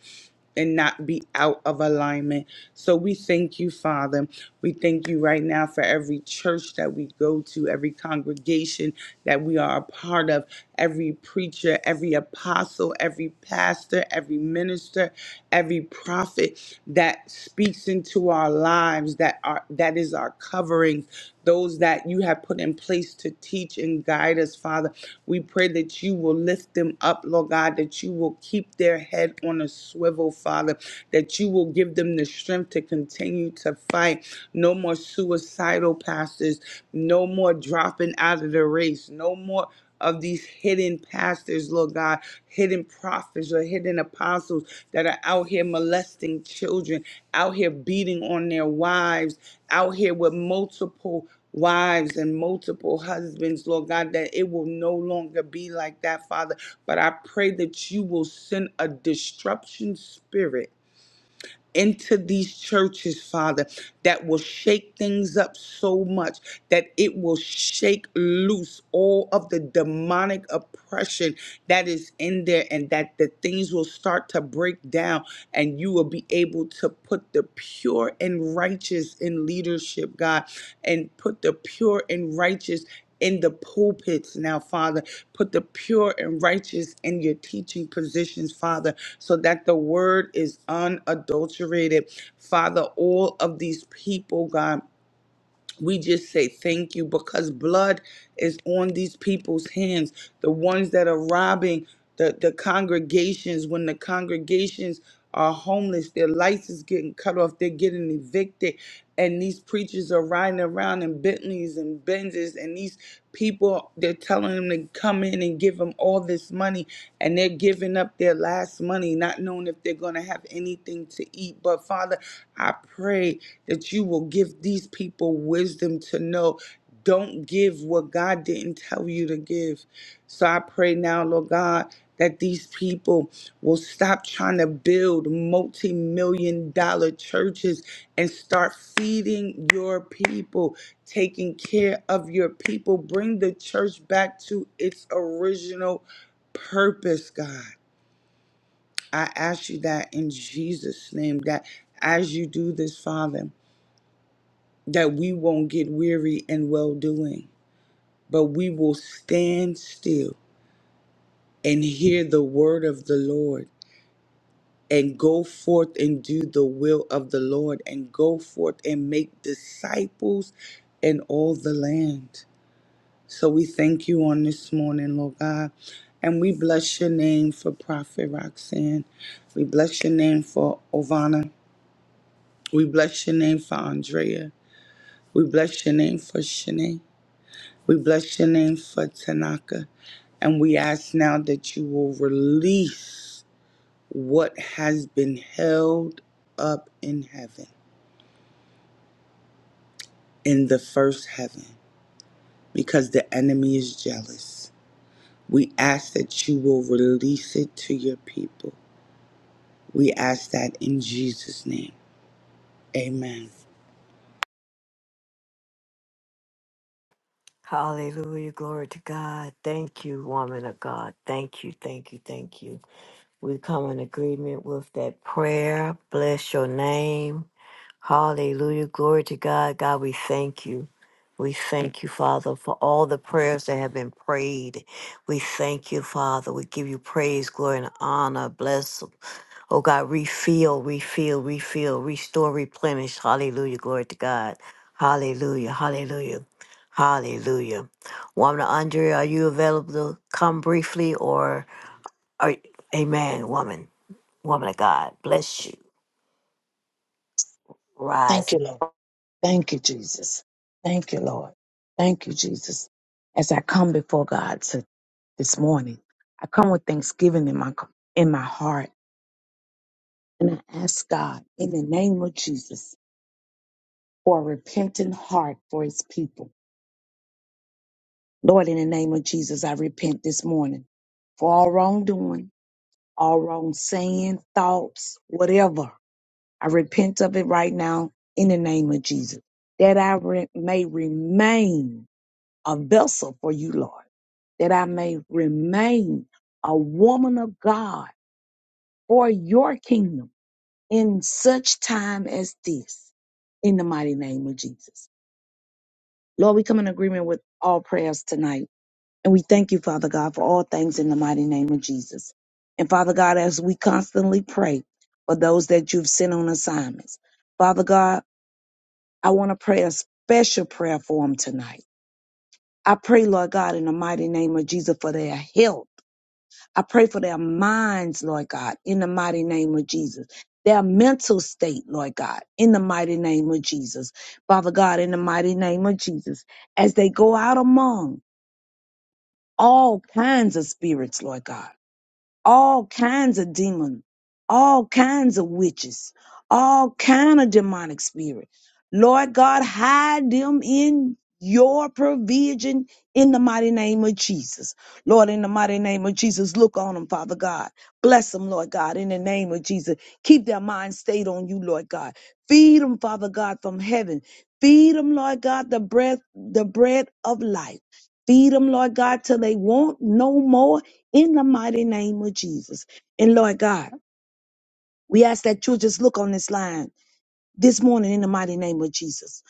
Speaker 3: and not be out of alignment. So we thank you, Father. We thank you right now for every church that we go to, every congregation that we are a part of, every preacher, every apostle, every pastor, every minister, every prophet that speaks into our lives that are that is our covering those that you have put in place to teach and guide us, Father. We pray that you will lift them up, Lord God, that you will keep their head on a swivel, Father, that you will give them the strength to continue to fight. No more suicidal pastors, no more dropping out of the race, no more of these hidden pastors, Lord God, hidden prophets or hidden apostles that are out here molesting children, out here beating on their wives, out here with multiple wives and multiple husbands, Lord God, that it will no longer be like that, Father. But I pray that you will send a disruption spirit into these churches, Father, that will shake things up so much that it will shake loose all of the demonic oppression that is in there, and that the things will start to break down, and you will be able to put the pure and righteous in leadership, God, and put the pure and righteous in the pulpits now, Father. Put the pure and righteous in your teaching positions, Father, so that the word is unadulterated. Father, all of these people, God we just say thank you because blood is on these people's hands the ones that are robbing the, the congregations when the congregations are homeless their lights is getting cut off they're getting evicted and these preachers are riding around in bentleys and benzes and these people they're telling them to come in and give them all this money and they're giving up their last money not knowing if they're going to have anything to eat but father i pray that you will give these people wisdom to know. Don't give what God didn't tell you to give. So I pray now, Lord God, that these people will stop trying to build multi million dollar churches and start feeding your people, taking care of your people. Bring the church back to its original purpose, God. I ask you that in Jesus' name, that as you do this, Father that we won't get weary in well doing, but we will stand still and hear the word of the Lord and go forth and do the will of the Lord and go forth and make disciples in all the land. So we thank you on this morning, Lord God. And we bless your name for Prophet Roxanne. We bless your name for Ovana. We bless your name for Andrea. We bless your name for Shanae. We bless your name for Tanaka. And we ask now that you will release what has been held up in heaven, in the first heaven, because the enemy is jealous. We ask that you will release it to your people. We ask that in Jesus' name. Amen.
Speaker 1: Hallelujah. Glory to God. Thank you, woman of God. Thank you, thank you, thank you. We come in agreement with that prayer. Bless your name. Hallelujah. Glory to God. God, we thank you. We thank you, Father, for all the prayers that have been prayed. We thank you, Father. We give you praise, glory, and honor. Bless them. Oh God, refill, refill, refill, restore, replenish. Hallelujah. Glory to God. Hallelujah. Hallelujah. Hallelujah. Woman Andrea, are you available to come briefly or are Amen, woman, woman of God, bless you.
Speaker 4: Thank
Speaker 1: Rise.
Speaker 4: you, Lord. Thank you, Jesus. Thank you, Lord. Thank you, Jesus. As I come before God to, this morning, I come with thanksgiving in my in my heart, and I ask God in the name of Jesus for a repentant heart for His people. Lord, in the name of Jesus, I repent this morning for all wrongdoing, all wrong saying, thoughts, whatever. I repent of it right now in the name of Jesus, that I re- may remain a vessel for you, Lord, that I may remain a woman of God for your kingdom in such time as this, in the mighty name of Jesus. Lord, we come in agreement with all prayers tonight, and we thank you, Father God, for all things in the mighty name of Jesus. And Father God, as we constantly pray for those that you've sent on assignments, Father God, I want to pray a special prayer for them tonight. I pray, Lord God, in the mighty name of Jesus, for their health. I pray for their minds, Lord God, in the mighty name of Jesus. Their mental state, Lord God, in the mighty name of Jesus. Father God, in the mighty name of Jesus, as they go out among all kinds of spirits, Lord God all kinds of demons, all kinds of witches, all kind of demonic spirit. Lord God, hide them in your provision in the mighty name of Jesus. Lord, in the mighty name of Jesus, look on them, Father God. Bless them, Lord God, in the name of Jesus. Keep their mind stayed on you, Lord God. Feed them, Father God, from heaven. Feed them, Lord God, the breath, the bread of life. Feed them, Lord God, till they want no more in the mighty name of Jesus. And Lord God, we ask that you just look on this line this morning in the mighty name of Jesus.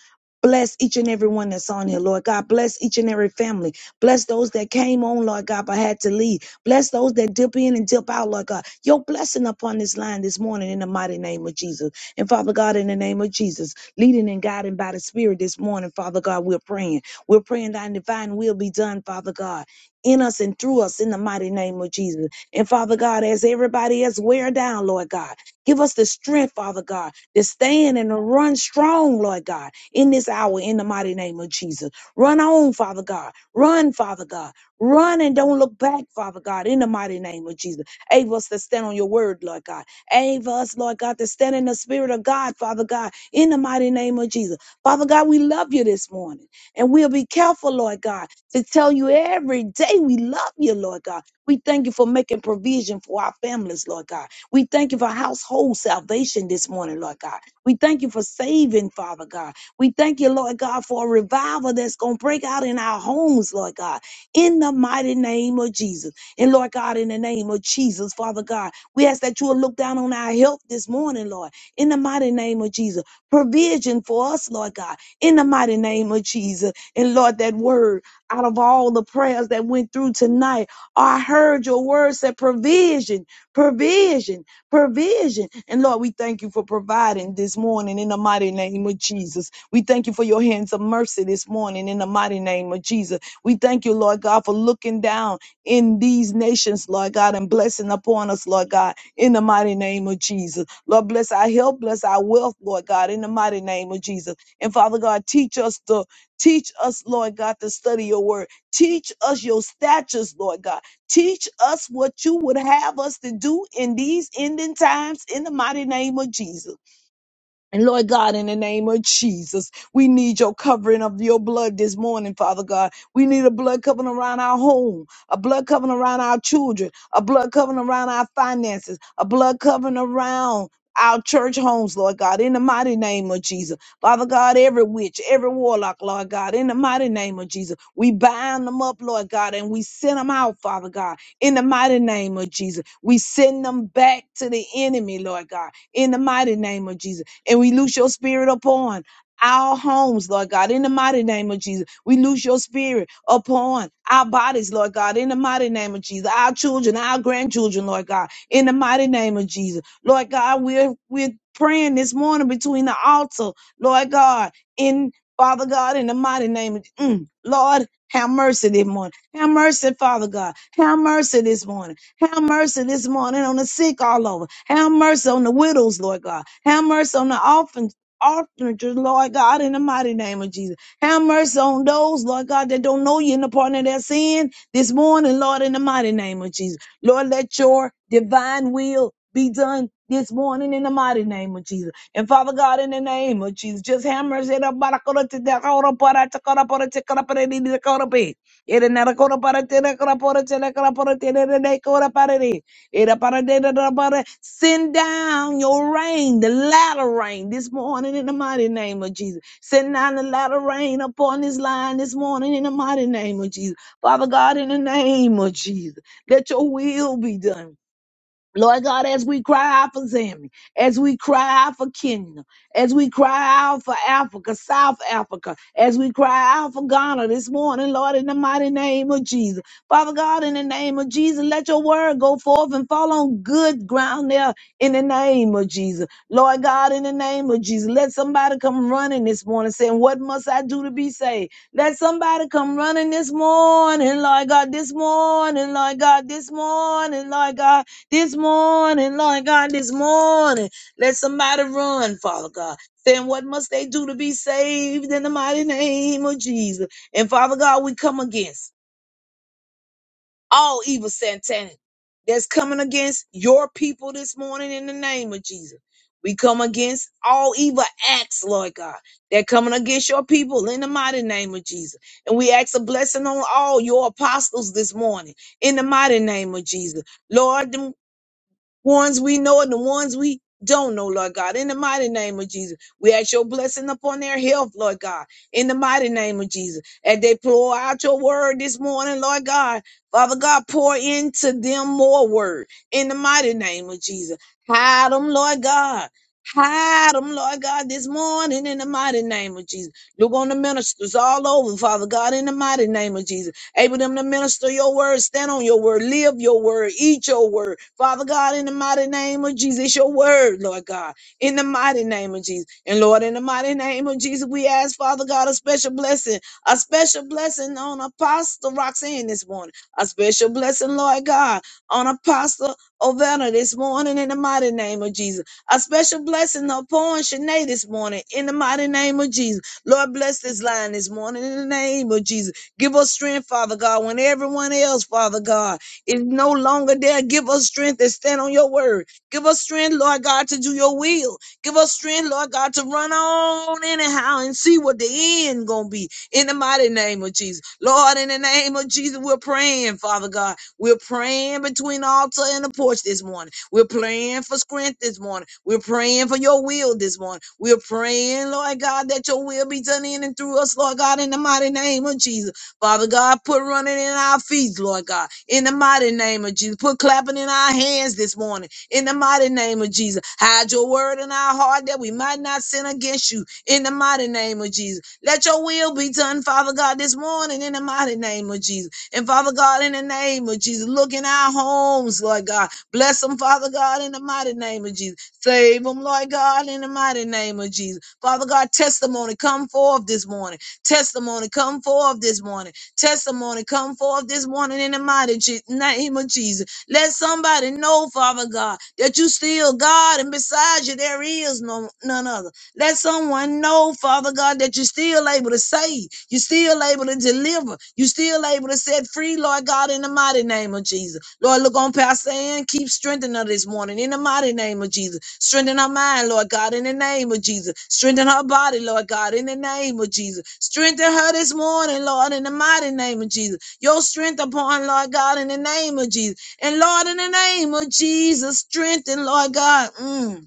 Speaker 4: Bless each and every one that's on here, Lord God. Bless each and every family. Bless those that came on, Lord God, but had to leave. Bless those that dip in and dip out, Lord God. Your blessing upon this line this morning in the mighty name of Jesus. And Father God, in the name of Jesus, leading and guiding by the Spirit this morning, Father God, we're praying. We're praying thy divine will be done, Father God, in us and through us in the mighty name of Jesus. And Father God, as everybody else wear down, Lord God, give us the strength, Father God to stand and to run strong, Lord God, in this hour, in the mighty name of Jesus. Run on, Father God. Run, Father God. Run and don't look back, Father God, in the mighty name of Jesus. Able us to stand on your word, Lord God. Able us, Lord God, to stand in the spirit of God, Father God, in the mighty name of Jesus. Father God, we love you this morning. And we'll be careful, Lord God, to tell you every day we love you, Lord God. We thank you for making provision for our families, Lord God. We thank you for household salvation this morning, Lord God. We thank you for saving, Father God. We thank you, Lord God, for a revival that's going to break out in our homes, Lord God, in the mighty name of Jesus. And Lord God, in the name of Jesus, Father God, we ask that you will look down on our health this morning, Lord, in the mighty name of Jesus. Provision for us, Lord God, in the mighty name of Jesus. And Lord, that word out of all the prayers that went through tonight, I heard your word said provision provision, provision. And Lord, we thank you for providing this morning in the mighty name of Jesus. We thank you for your hands of mercy this morning in the mighty name of Jesus. We thank you, Lord God, for looking down in these nations, Lord God, and blessing upon us, Lord God, in the mighty name of Jesus. Lord, bless our health, bless our wealth, Lord God, in the mighty name of Jesus. And Father God, teach us to teach us, Lord God, to study your word. Teach us your statutes, Lord God. Teach us what you would have us to do in these ending times in the mighty name of Jesus. And Lord God, in the name of Jesus, we need your covering of your blood this morning, Father God. We need a blood covering around our home, a blood covering around our children, a blood covering around our finances, a blood covering around our church homes, Lord God, in the mighty name of Jesus. Father God, every witch, every warlock, Lord God, in the mighty name of Jesus, we bind them up, Lord God, and we send them out, Father God, in the mighty name of Jesus. We send them back to the enemy, Lord God, in the mighty name of Jesus and we loose your spirit upon our homes, Lord God, in the mighty name of Jesus. We loose your spirit upon our bodies, Lord God, in the mighty name of Jesus. Our children, our grandchildren, Lord God, in the mighty name of Jesus. Lord God, we're we're praying this morning between the altar, Lord God, in Father God, in the mighty name of mm, Lord, have mercy this morning. Have mercy, Father God. Have mercy this morning. Have mercy this morning on the sick all over. Have mercy on the widows, Lord God. Have mercy on the orphans. Orphanages, Lord God, in the mighty name of Jesus. Have mercy on those, Lord God, that don't know you in the pardon of their sin this morning, Lord, in the mighty name of Jesus. Lord, let your divine will be done this morning in the mighty name of Jesus. And Father God, in the name of Jesus, just have mercy. Ere nara kora para tere kora pora tere kora pora tere re re kora para re. Ere para de de de para. Send down your rain, the latter rain, this morning in the mighty name of Jesus. Send down the latter rain upon this line this morning in the mighty name of Jesus. Father God, in the name of Jesus, let your will be done. Lord God, as we cry out for Zambia, as we cry out for Kenya, as we cry out for Africa, South Africa, as we cry out for Ghana this morning, Lord, in the mighty name of Jesus. Father God, in the name of Jesus, let your word go forth and fall on good ground there in the name of Jesus. Lord God, in the name of Jesus, let somebody come running this morning saying, What must I do to be saved? Let somebody come running this morning, Lord God, this morning, Lord God, this morning, Lord God this morning, Lord God, this morning, let somebody run, Father God. Saying, what must they do to be saved in the mighty name of Jesus? And Father God, we come against all evil satanic that's coming against your people this morning in the name of Jesus. We come against all evil acts, Lord God. that coming against your people in the mighty name of Jesus. And we ask a blessing on all your apostles this morning in the mighty name of Jesus. Lord, ones we know and the ones we don't know, Lord God. In the mighty name of Jesus, we ask your blessing upon their health, Lord God. In the mighty name of Jesus, as they pour out your word this morning, Lord God, Father God, pour into them more word. In the mighty name of Jesus, hide them, Lord God. Hide them, Lord God, this morning in the mighty name of Jesus. Look on the ministers all over, Father God, in the mighty name of Jesus able them to minister your word, stand on your word, live your word, eat your word. Father God, in the mighty name of Jesus, it's your word, Lord God, in the mighty name of Jesus. And Lord, in the mighty name of Jesus, we ask, Father God, a special blessing, a special blessing on Apostle Roxanne this morning, a special blessing, Lord God, on Apostle Ovana this morning, in the mighty name of Jesus. A special blessing upon Shanae this morning, in the mighty name of Jesus. Lord, bless this line this morning, in the name of Jesus. Give us strength, Father God, when everyone else, Father God, is no longer there. Give us strength to stand on your word. Give us strength, Lord God, to do your will. Give us strength, Lord God, to run on anyhow and see what the end gonna be. In the mighty name of Jesus. Lord, in the name of Jesus, we're praying, Father God. We're praying between the altar and the porch this morning. We're praying for strength this morning. We're praying for your will this morning. We're praying, Lord God, that your will be done in and through us, Lord God, in the mighty name of Jesus. Father God, put running in our feet, Lord God, in the mighty name of Jesus. Put clapping in our hands this morning, in the mighty name of Jesus. Hide your word in our heart that we might not sin against you, in the mighty name of Jesus. Let your will be done, Father God, this morning, in the mighty name of Jesus. And Father God, in the name of Jesus, look in our homes, Lord God. Bless them, Father God, in the mighty name of Jesus. Save them, Lord God, in the mighty name of Jesus. Father God, testimony come forth this morning. Testimony come forth this morning Testimony come forth this morning in the mighty Je- name of Jesus. Let somebody know, Father God, that you still God and beside you there is no none other. Let someone know, Father God, that you're still able to save. You're still able to deliver. You're still able to set free, Lord God, in the mighty name of Jesus. Lord, look on Pastor Ann. Keep strengthening her this morning in the mighty name of Jesus. Strengthen her mind, Lord God, in the name of Jesus. Strengthen her body, Lord God, in the name of Jesus. Strengthen her this morning, Lord, in the mighty name of Jesus. Your strength upon, Lord God, in the name of Jesus. And Lord, in the name of Jesus, strengthen, Lord God. mm,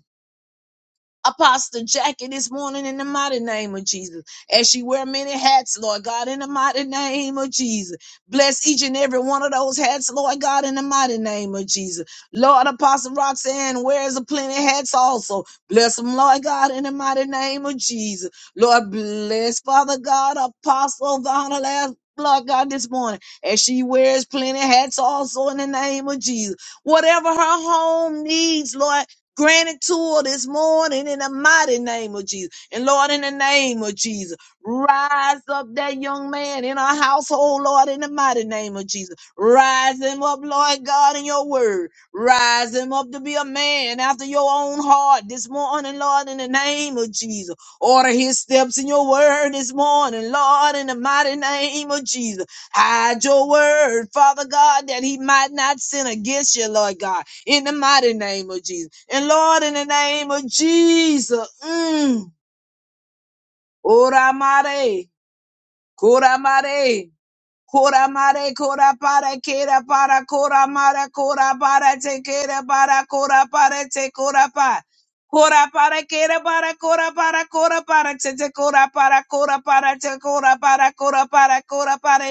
Speaker 4: Apostle Jackie this morning in the mighty name of Jesus. As she wear many hats, Lord God, in the mighty name of Jesus. Bless each and every one of those hats, Lord God, in the mighty name of Jesus. Lord Apostle Roxanne wears a plenty of hats also. Bless them, Lord God, in the mighty name of Jesus. Lord bless Father God, Apostle Donna last. Lord God, this morning, as she wears plenty of hats also in the name of Jesus. Whatever her home needs, Lord, Grant it to her this morning in the mighty name of Jesus. And Lord, in the name of Jesus, rise up that young man in our household, Lord, in the mighty name of Jesus. Rise him up, Lord God, in your word. Rise him up to be a man after your own heart this morning, Lord, in the name of Jesus. Order his steps in your word this morning, Lord, in the mighty name of Jesus. Hide your word, Father God, that he might not sin against you, Lord God, in the mighty name of Jesus. And Lord, in the name of Jesus, mm, Oramare, Koramare, Kora mare kora para kera para kora mara kora para te kera para kora para te kora pa kora para kera para kora para kora para te te kora para kora para te kora para kora para kora para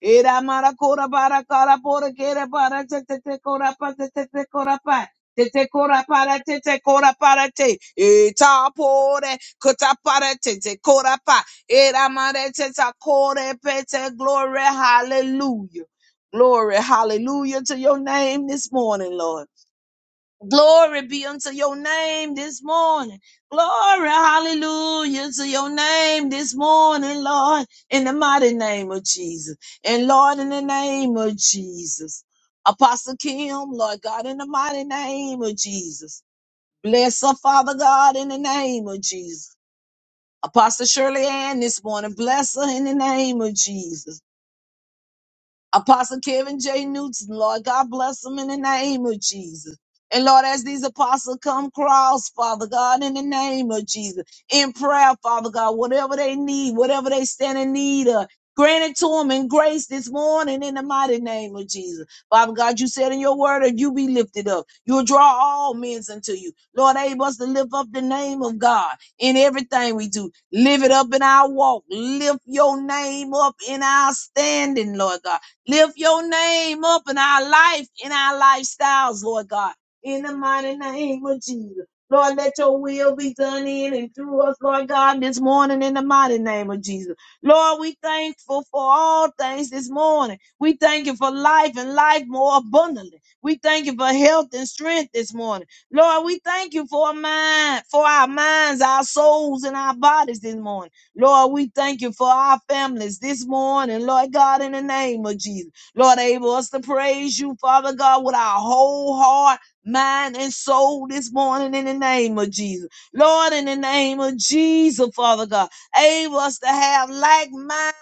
Speaker 4: era mara kora para kora para kera para te te te kora pa te te te kora pa te te kora para te te kora para te eta pore kota para te te kora pa Eramadetetakorepete. Glory, hallelujah. Glory, hallelujah to your name this morning, Lord. Glory be unto your name this morning. Glory, hallelujah to your name this morning, Lord, in the mighty name of Jesus. And Lord, in the name of Jesus. Apostle Kim, Lord God, in the mighty name of Jesus. Bless her, Father God, in the name of Jesus. Apostle Shirley Ann this morning. Bless her in the name of Jesus. Apostle Kevin J. Newton, Lord God, bless them in the name of Jesus. And Lord, as these apostles come cross, Father God, in the name of Jesus, in prayer, Father God, whatever they need, whatever they stand in need of, grant it to them in grace this morning in the mighty name of Jesus. Father God, you said in your word, if you be lifted up, you'll draw all men unto you. Lord, able us to lift up the name of God in everything we do. Live it up in our walk. Lift your name up in our standing, Lord God. Lift your name up in our life, in our lifestyles, Lord God. In the mighty name of Jesus. Lord, let your will be done in and through us, Lord God, this morning in the mighty name of Jesus. Lord, we thankful for all things this morning. We thank you for life and life more abundantly. We thank you for health and strength this morning. Lord, we thank you for our mind, for our minds, our souls, and our bodies this morning. Lord, we thank you for our families this morning. Lord God, in the name of Jesus. Lord, enable us to praise you, Father God, with our whole heart, mind, and soul this morning in the name of Jesus. Lord, in the name of Jesus, Father God, enable us to have like mind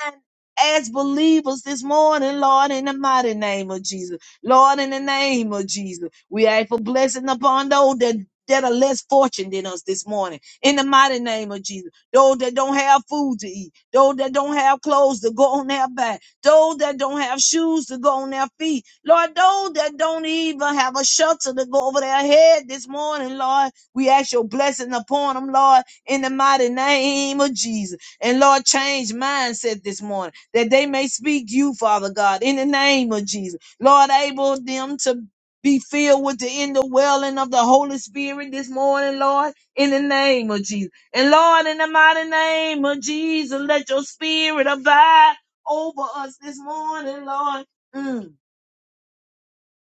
Speaker 4: as believers this morning, Lord, in the mighty name of Jesus. Lord, in the name of Jesus, we ask for blessing upon those that that are less fortunate than us this morning. In the mighty name of Jesus. Those that don't have food to eat. Those that don't have clothes to go on their back. Those that don't have shoes to go on their feet. Lord, those that don't even have a shelter to go over their head this morning, Lord, we ask your blessing upon them, Lord, in the mighty name of Jesus. And Lord, change mindset this morning that they may speak you, Father God, in the name of Jesus Lord, able them to be filled with the indwelling of the Holy Spirit this morning, Lord, in the name of Jesus. And Lord, in the mighty name of Jesus, let your spirit abide over us this morning, Lord. Mm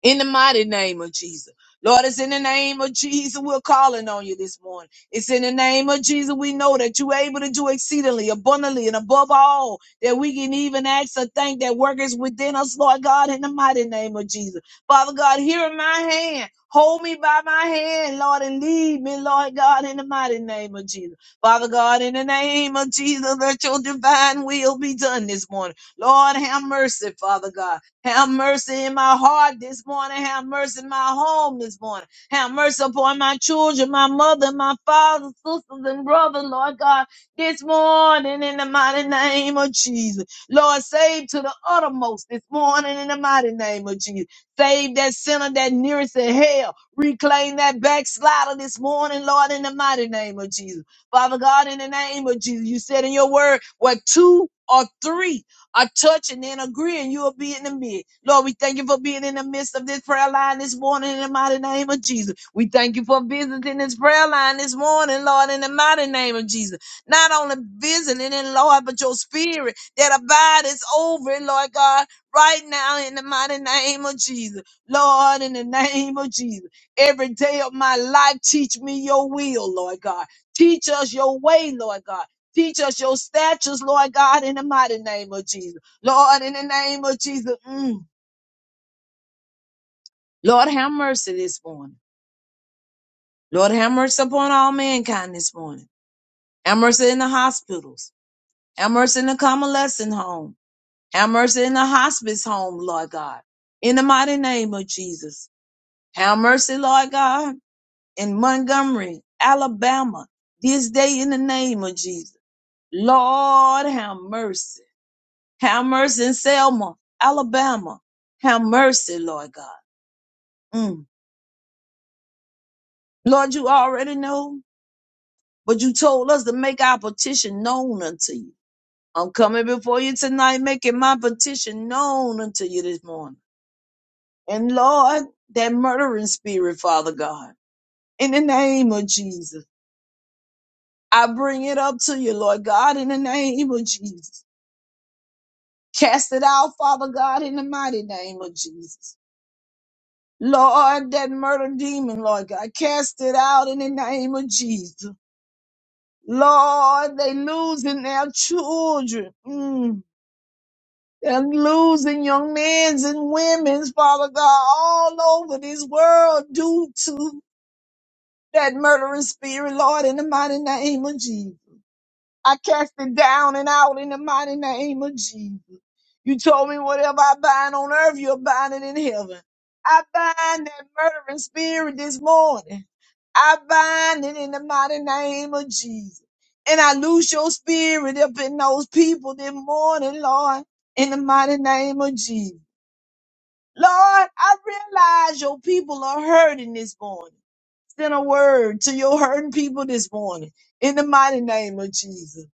Speaker 4: in the mighty name of Jesus. Lord, it's in the name of Jesus we're calling on you this morning. It's in the name of Jesus we know that you're able to do exceedingly abundantly and above all that we can even ask or think that workers within us, Lord God, in the mighty name of Jesus. Father God, here in my hand. Hold me by my hand, Lord, and lead me, Lord God, in the mighty name of Jesus. Father God, in the name of Jesus, let your divine will be done this morning. Lord, have mercy, Father God. Have mercy in my heart this morning. Have mercy in my home this morning. Have mercy upon my children, my mother, my father, sisters, and brother, Lord God, this morning in the mighty name of Jesus. Lord, save to the uttermost this morning in the mighty name of Jesus. Save that sinner that nearest to hell. Reclaim that backslider this morning, Lord, in the mighty name of Jesus. Father God, in the name of Jesus, you said in your word, what two or three are touching and agreeing, you'll be in the midst. Lord, we thank you for being in the midst of this prayer line this morning in the mighty name of Jesus. We thank you for visiting this prayer line this morning, Lord, in the mighty name of Jesus. Not only visiting and Lord, but your spirit that abides over, it, Lord God, right now in the mighty name of Jesus. Lord, in the name of Jesus. Every day of my life, teach me your will, Lord God. Teach us your way, Lord God. Teach us your statutes, Lord God, in the mighty name of Jesus. Lord, in the name of Jesus. mm. Lord, have mercy this morning. Lord, have mercy upon all mankind this morning. Have mercy in the hospitals. Have mercy in the convalescent home. Have mercy in the hospice home, Lord God. In the mighty name of Jesus. Have mercy, Lord God, in Montgomery, Alabama, this day in the name of Jesus. Lord, have mercy. Have mercy in Selma, Alabama. Have mercy, Lord God. Mm. Lord, you already know, but you told us to make our petition known unto you. I'm coming before you tonight, making my petition known unto you this morning. And Lord, that murdering spirit, Father God, in the name of Jesus, I bring it up to you, Lord God, in the name of Jesus. Cast it out, Father God, in the mighty name of Jesus. Lord, that murder demon, Lord God, cast it out in the name of Jesus. Lord, they losing their children. Mm. They're losing young men's and women's, Father God, all over this world due to that murdering spirit, Lord, in the mighty name of Jesus. I cast it down and out in the mighty name of Jesus. You told me whatever I bind on earth, you'll bind it in heaven. I bind that murdering spirit this morning. I bind it in the mighty name of Jesus. And I loose your spirit up in those people this morning, Lord, in the mighty name of Jesus. Lord, I realize your people are hurting this morning. Send a word to your hurting people this morning in the mighty name of Jesus.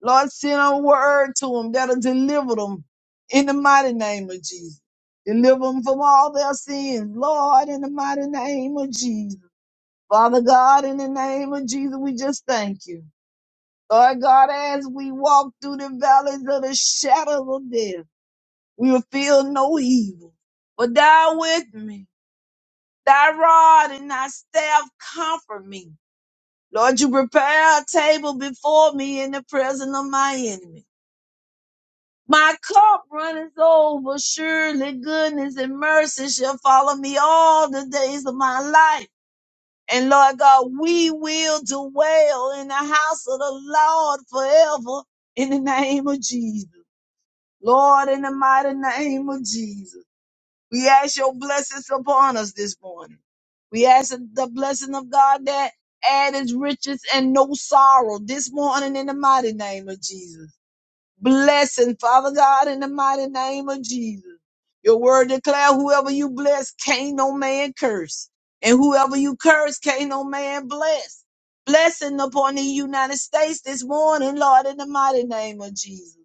Speaker 4: Lord, send a word to them that'll deliver them in the mighty name of Jesus. Deliver them from all their sins, Lord, in the mighty name of Jesus. Father God, in the name of Jesus, we just thank you. Lord God, as we walk through the valleys of the shadow of death, we will feel no evil. But thou with me, thy rod and thy staff comfort me. Lord, you prepare a table before me in the presence of my enemy. My cup runneth over, surely goodness and mercy shall follow me all the days of my life And Lord God, we will dwell in the house of the Lord forever in the name of Jesus. Lord, in the mighty name of Jesus, we ask your blessings upon us this morning. We ask the blessing of God that add his riches and no sorrow this morning in the mighty name of Jesus blessing, Father God, in the mighty name of Jesus. Your word declare whoever you bless, can't no man curse. And whoever you curse, can't no man bless. Blessing upon the United States this morning, Lord, in the mighty name of Jesus.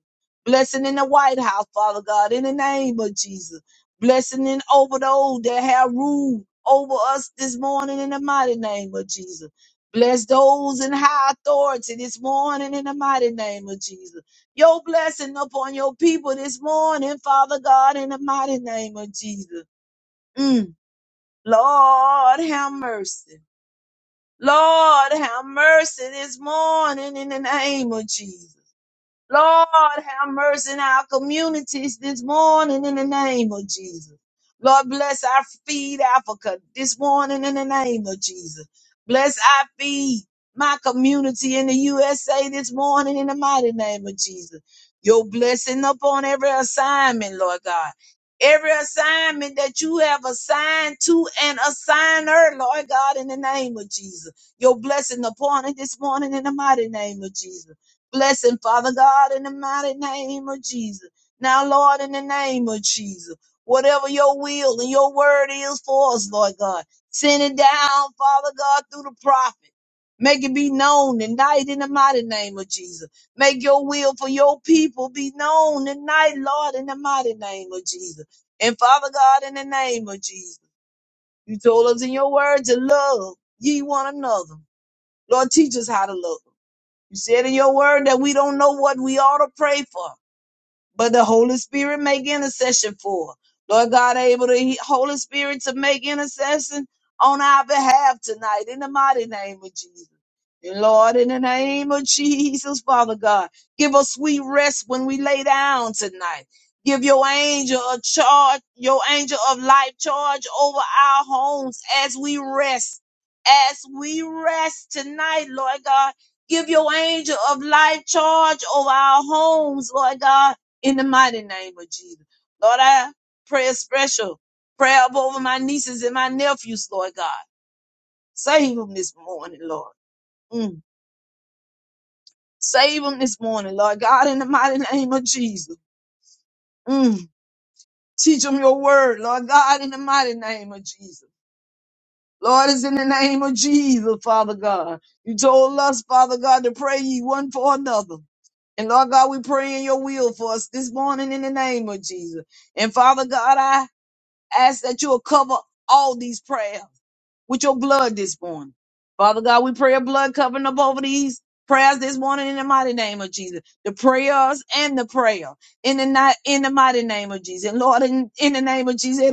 Speaker 4: Blessing in the White House, Father God, in the name of Jesus. Blessing in over those that have ruled over us this morning in the mighty name of Jesus. Bless those in high authority this morning in the mighty name of Jesus your blessing upon your people this morning, Father God, in the mighty name of Jesus. Mm. Lord, have mercy. Lord, have mercy this morning in the name of Jesus. Lord, have mercy in our communities this morning in the name of Jesus. Lord, bless our feed Africa this morning in the name of Jesus. Bless our feed my community in the USA this morning in the mighty name of Jesus. Your blessing upon every assignment, Lord God. Every assignment that you have assigned to an assigner, Lord God, in the name of Jesus. Your blessing upon it this morning in the mighty name of Jesus. Blessing, Father God, in the mighty name of Jesus. Now, Lord, in the name of Jesus, whatever your will and your word is for us, Lord God, send it down, Father God, through the prophet. Make it be known tonight in the mighty name of Jesus. Make your will for your people be known tonight, Lord, in the mighty name of Jesus. And Father God, in the name of Jesus, you told us in your word to love ye one another. Lord, teach us how to love. You said in your word that we don't know what we ought to pray for but the Holy Spirit make intercession for. her. Lord God, able the Holy Spirit to make intercession on our behalf tonight in the mighty name of Jesus. And Lord, in the name of Jesus, Father God, give us sweet rest when we lay down tonight. Give your angel a charge, your angel of life charge over our homes as we rest. As we rest tonight, Lord God, give your angel of life charge over our homes, Lord God in the mighty name of Jesus. Lord, I pray a special prayer up over my nieces and my nephews, Lord God. Save them this morning, Lord. Mm. Save them this morning, Lord God, in the mighty name of Jesus. Mm. Teach them your word, Lord God, in the mighty name of Jesus. Lord, it's in the name of Jesus, Father God. You told us, Father God, to pray ye one for another. And Lord God, we pray in your will for us this morning in the name of Jesus. And Father God, I ask that you will cover all these prayers with your blood this morning. Father God, we pray a blood covering up over these prayers this morning in the mighty name of Jesus. The prayers and the prayer in the night in the mighty name of Jesus. And Lord, in, in the name of Jesus,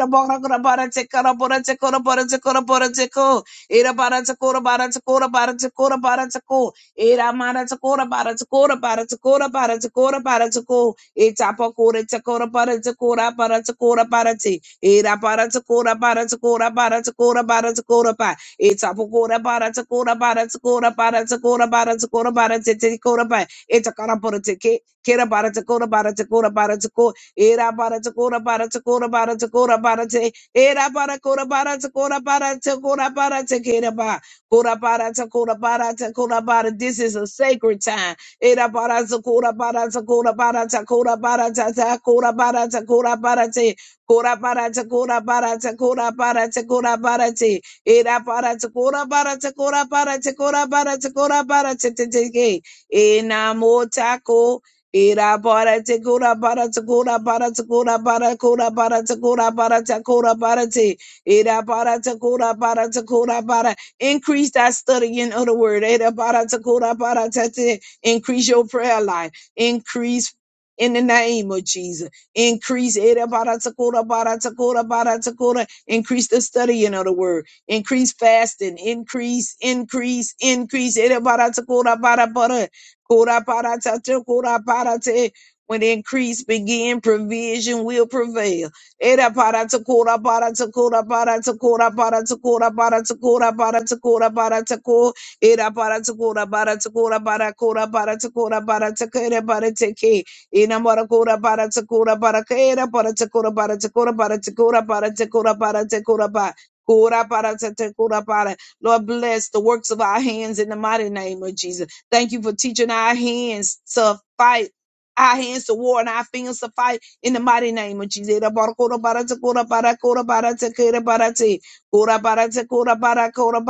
Speaker 4: Era bara takora bara takora bara takora bara takora. Era mara takora bara takora bara takora bara takora bara takora. Eta pakora takora bara takora bara takora bara te. Era bara takora bara takora bara takora bara takora ba. Eta pakora bara takora bara takora bara takora bara takora bara te te kora ba. bara te Kera bara takora bara takora bara takora. Era bara takora bara takora bara takora bara te. Era para cora para ta cora para ta cora para ta kera ba. Cora para ta cora para ta cora para. This is a sacred time. Era para ta cora para ta cora para ta cora para ta ta cora para ta cora para te. Cora para ta cora para ta cora para ta cora para te. Era para ta cora para ta cora para ta cora para ta cora para te te te ke. Enamotako. Ira bara te kura bara te kura bara te kura bara kura bara te kura bara te kura bara te ira bara te kura bara te kura bara increase that studying of the word ira bara te kura bara te te increase your prayer life increase in the name of Jesus increase ira bara te kura bara te kura bara te kura increase the studying of the word increase fasting increase increase increase ira bara te kura bara bara Kuraparata, te kuraparate. When increase begin, provision will prevail. Era para to kura para to kura para to kura para to kura para to kura para to kura para to ko era para to kura para to kura para kura para to kura para to kere para to ke ina mora kura para to kura para ke para to kura para to kura para to kura para to kura para to kura para kura para to kura para Lord bless the works of our hands in the mighty name of Jesus. Thank you for teaching our hands to fight. Our hands to war and our fingers to fight in the mighty name of Jesus. Barakora barata kora bara barata kera barate. Kora barata kora bara kora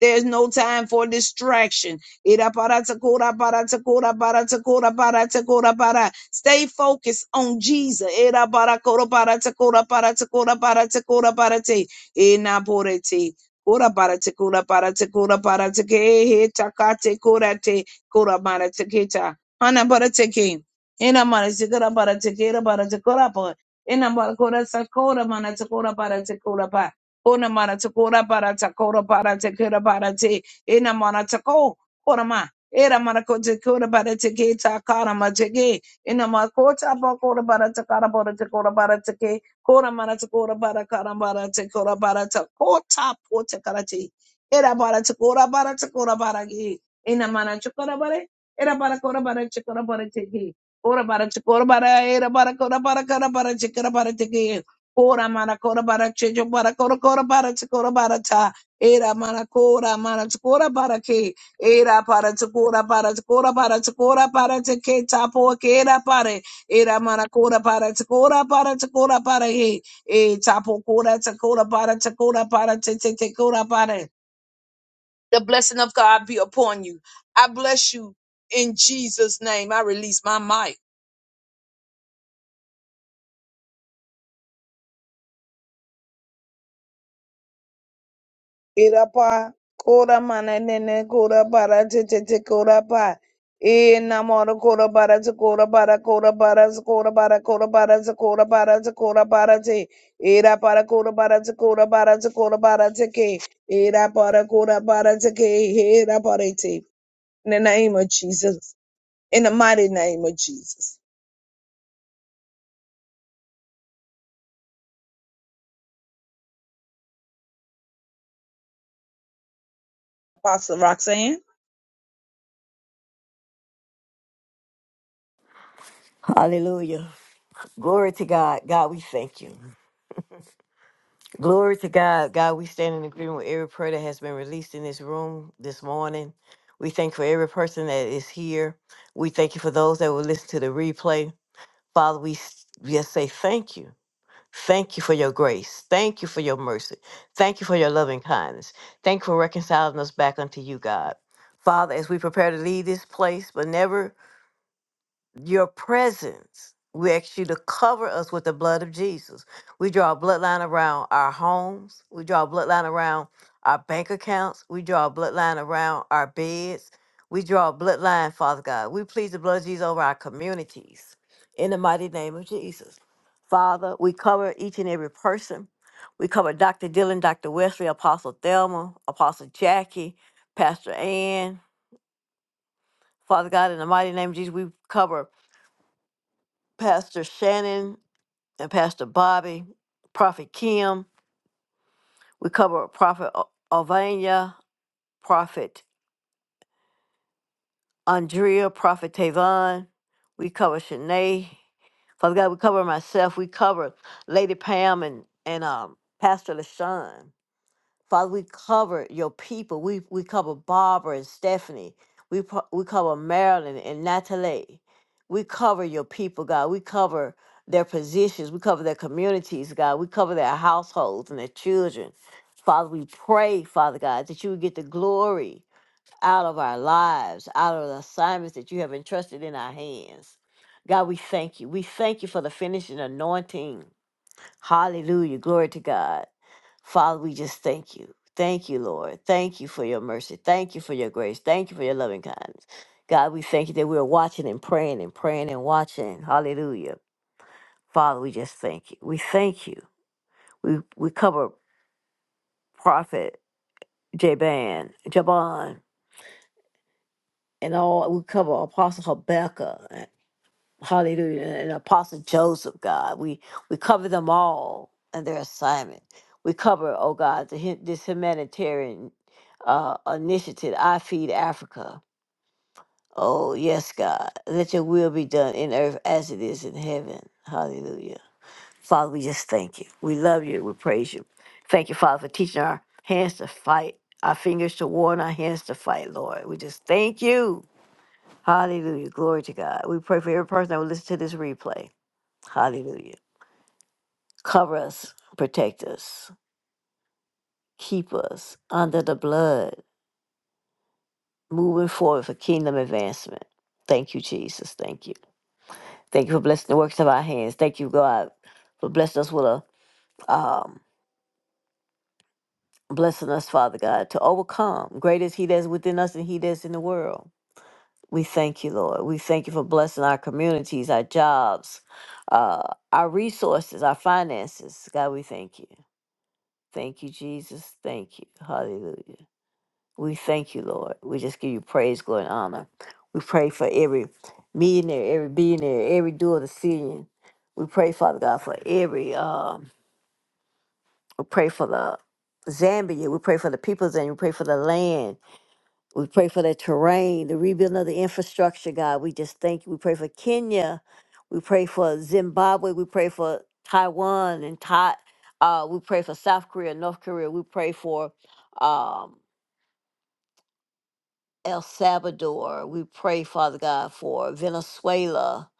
Speaker 4: There's no time for distraction. Ira barata kora barata kora barata kora barata kora bara. Stay focused on Jesus. Ira bara barata kora barata kora barata kora barate. Ina borete. Ora bara te kura bara te kura bara te ke he taka te kura te kura bara te ke ta. Ana bara te ke. Ena mara te kura bara te ke ra para te kura pa. Ena mara kura sa kura mana te kura bara te kura pa. Ona mara te kura bara te kura bara te kura bara te. Ena mara te ko. kura ma. Era mara ko te kura bara te ke ta kara ma te ke. Ena mara ko ta pa kura bara te kara bara te kura bara te ke. Kora marata kora bara kara marata kora barata kota pota karate. Era barata kora barata kora baragi. Ina manata kora bare. Era bara kora bara chikora bara tiki. Kora bara chikora bara era bara kora bara kara bara chikora bara tiki. Kora mana kora bara chijo bara kora kora bara chikora bara ta. Era mana kora mana chikora bara ki. Era bara chikora bara chikora bara chikora bara tiki tapo kera bare. Era mana kora para takora para takora para he. E tapo kora takora para takora para te te te kora para. The blessing of God be upon you. I bless you in Jesus' name. I release my mic. Irapa kora mana nene kora bara te te te kora pa. E namoro kora bara te kora bara kora bara te kora bara kora bara te kora bara te kora bara te. Ira para kora bara te kora bara te kora bara te ke. Ira para kora para te ke. Ira para te. In the name of Jesus. In the mighty name of Jesus. Apostle Roxanne.
Speaker 1: Hallelujah. Glory to God. God, we thank you. Glory to God. God, we stand in agreement with every prayer that has been released in this room this morning. We thank you for every person that is here. We thank you for those that will listen to the replay. Father, we s- just say thank you. Thank you for your grace. Thank you for your mercy. Thank you for your loving kindness. Thank you for reconciling us back unto you, God. Father, as we prepare to leave this place, but never your presence. We ask you to cover us with the blood of Jesus. We draw a bloodline around our homes. We draw a bloodline around our bank accounts. We draw a bloodline around our beds. We draw a bloodline, Father God. We plead the blood of Jesus over our communities in the mighty name of Jesus. Father, we cover each and every person. We cover Dr. Dylan, Dr. Wesley, Apostle Thelma, Apostle Jackie, Pastor Ann. Father God, in the mighty name of Jesus, we cover Pastor Shannon and Pastor Bobby, Prophet Kim. We cover Prophet O- Ovania, Prophet Andrea, Prophet Tavon. We cover Shanae. Father God, we cover myself. We cover Lady Pam and, and um, Pastor LaShawn. Father, we cover your people. We we cover Barbara and Stephanie. We pro- we cover Marilyn and Natalie. We cover your people, God. We cover their positions. We cover their communities, God. We cover their households and their children. Father, we pray, Father God, that you would get the glory out of our lives, out of the assignments that you have entrusted in our hands. God, we thank you. We thank you for the finishing anointing. Hallelujah. Glory to God. Father, we just thank you. Thank you, Lord. Thank you for your mercy. Thank you for your grace. Thank you for your loving kindness. God, we thank you that we're watching and praying and praying and watching. Hallelujah. Father, we just thank you. We thank you. We we cover Prophet Jaban, Jaban, and all we cover Apostle Habakkuk. Hallelujah. And Apostle Joseph, God, we, we cover them all and their assignment. We cover, oh God, the, hu- this humanitarian uh, initiative, I Feed Africa. Oh, yes, God. Let your will be done in earth as it is in heaven. Hallelujah. Father, we just thank you. We love you. We praise you. Thank you, Father, for teaching our hands to fight, our fingers to warn, our hands to fight, Lord. We just thank you. Hallelujah. Glory to God. We pray for every person that will listen to this replay. Hallelujah. Cover us, protect us, keep us under the blood, moving forward for kingdom advancement. Thank you, Jesus. Thank you. Thank you for blessing the works of our hands. Thank you, God, for blessing us with a um, blessing us, Father God, to overcome. Great is He that's within us and He that's in the world. We thank you, Lord. We thank you for blessing our communities, our jobs, uh, our resources, our finances. God, we thank you. Thank you, Jesus. Thank you. Hallelujah. We thank you, Lord. We just give you praise, glory, and honor. We pray for every millionaire, every billionaire, every dual decision. We pray, Father God, for every, um, we pray for the Zambia. We pray for the people's and we pray for the land. We pray for the terrain, the rebuilding of the infrastructure, God. We just thank you. We pray for Kenya. We pray for Zimbabwe. We pray for Taiwan and Thai. Uh, we pray for South Korea, North Korea. We pray for um, El Salvador. We pray, Father God, for Venezuela.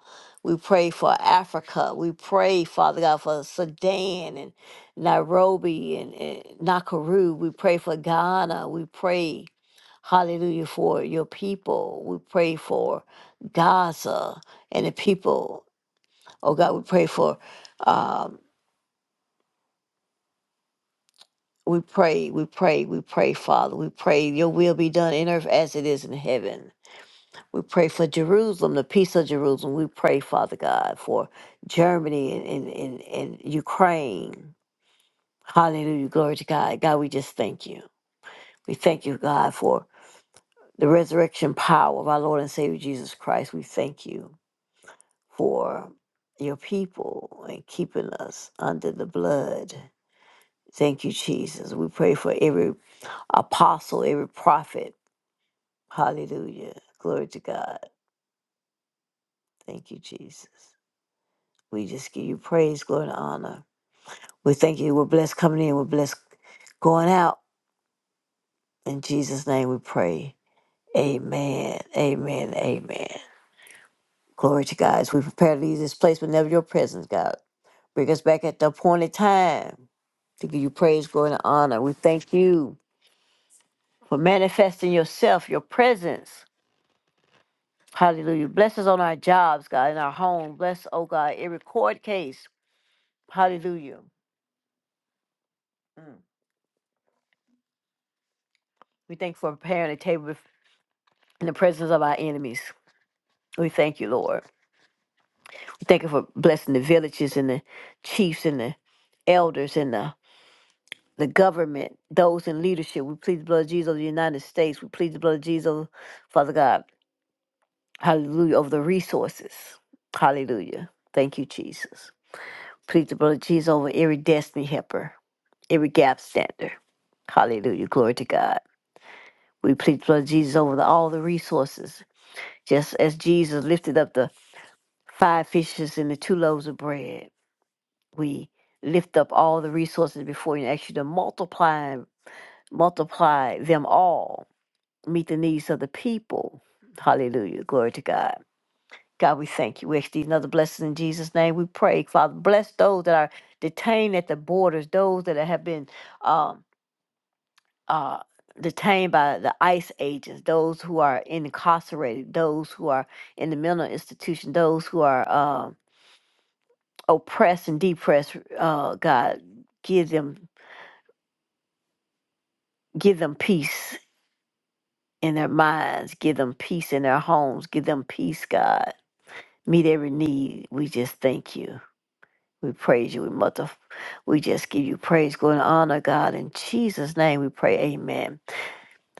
Speaker 1: We pray for Africa. We pray, Father God, for Sudan and Nairobi and, and Nakuru. We pray for Ghana. We pray, hallelujah, for your people. We pray for Gaza and the people. Oh God, we pray for. Um, we pray, we pray, we pray, Father. We pray your will be done in earth as it is in heaven. We pray for Jerusalem, the peace of Jerusalem. We pray, Father God, for Germany and, and, and, and Ukraine. Hallelujah. Glory to God. God, we just thank you. We thank you, God, for the resurrection power of our Lord and Savior Jesus Christ. We thank you for your people and keeping us under the blood. Thank you, Jesus. We pray for every apostle, every prophet. Hallelujah. Glory to God. Thank you, Jesus. We just give you praise, glory, and honor. We thank you. We're blessed coming in. We're blessed going out. In Jesus' name we pray. Amen. Amen. Amen. Glory to God. As we prepare to leave this place, but never your presence, God. Bring us back at the appointed time to give you praise, glory, and honor. We thank you for manifesting yourself, your presence. Hallelujah. Bless us on our jobs, God, in our home. Bless, oh God, every court case. Hallelujah. We thank you for preparing a table in the presence of our enemies. We thank you, Lord. We Thank you for blessing the villages and the chiefs and the elders and the, the government, those in leadership. We plead the blood of Jesus of the United States. We plead the blood of Jesus, Father God. Hallelujah. Over the resources. Hallelujah. Thank you, Jesus. Plead the blood of Jesus over every destiny helper, every gap stander. Hallelujah. Glory to God. We plead the blood of Jesus over the, all the resources. Just as Jesus lifted up the five fishes and the two loaves of bread. We lift up all the resources before you and ask you to multiply multiply them all, meet the needs of the people. Hallelujah. Glory to God. God, we thank you. We ask these another blessing in Jesus' name. We pray, Father, bless those that are detained at the borders, those that have been um, uh, detained by the ICE agents, those who are incarcerated, those who are in the mental institution, those who are um oppressed and depressed. Uh, God, give them Give them peace in their minds. Give them peace in their homes. Give them peace, God. Meet every need. We just thank you. We praise you. We mother. We just give you praise, glory, and honor, God. In Jesus' name we pray. Amen.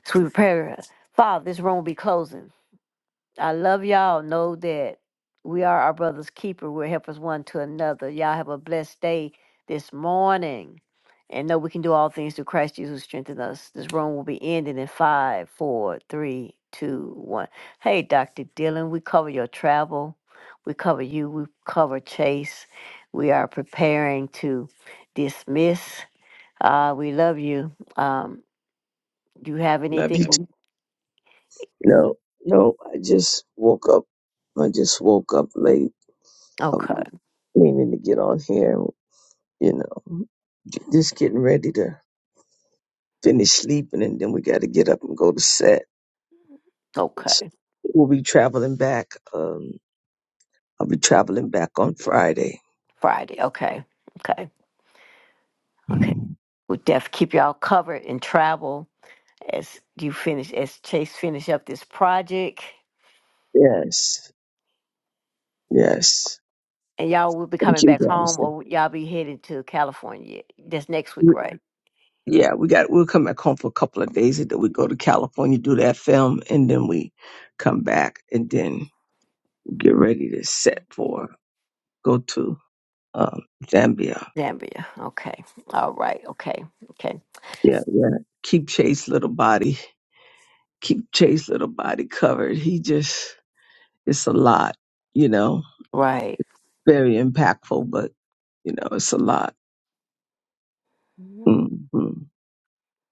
Speaker 1: So we pray. Father, this room will be closing. I love y'all. Know that we are our brother's keeper. We're helpers one to another. Y'all have a blessed day this morning. And know we can do all things through Christ Jesus who strengthens us. This room will be ending in five, four, three, two, one. Hey, Dr. Dylan, we cover your travel. We cover you. We cover Chase. We are preparing to dismiss. Uh, we love you. Um, do you have
Speaker 5: Love you too.
Speaker 1: anything?
Speaker 5: No, no, I just woke up. I just woke up late. I'm
Speaker 1: Okay.
Speaker 5: meaning to get on here, you know, just getting ready to finish sleeping, and then we got to get up and go to set. So
Speaker 1: Okay.
Speaker 5: we'll be traveling back. Um, I'll be traveling back on Friday.
Speaker 1: Friday. Okay. Okay. Okay. We'll def keep y'all covered in travel as you finish as Chase finish up this project.
Speaker 5: Yes, yes.
Speaker 1: And y'all will be
Speaker 5: Thank
Speaker 1: coming
Speaker 5: you
Speaker 1: back
Speaker 5: guys.
Speaker 1: home or y'all be headed to California. That's next week,
Speaker 5: We,
Speaker 1: right?
Speaker 5: yeah, we got. We'll come back home for a couple of days, and then we go to California, do that film, and then we come back, and then get ready to set for, go to um, Zambia.
Speaker 1: Zambia. Okay. All right. Okay. Okay.
Speaker 5: Yeah, yeah. Keep Chase little body, keep Chase little body covered. He just, it's a lot, you know,
Speaker 1: Right.
Speaker 5: very impactful, but you know, it's a lot. Mm-hmm.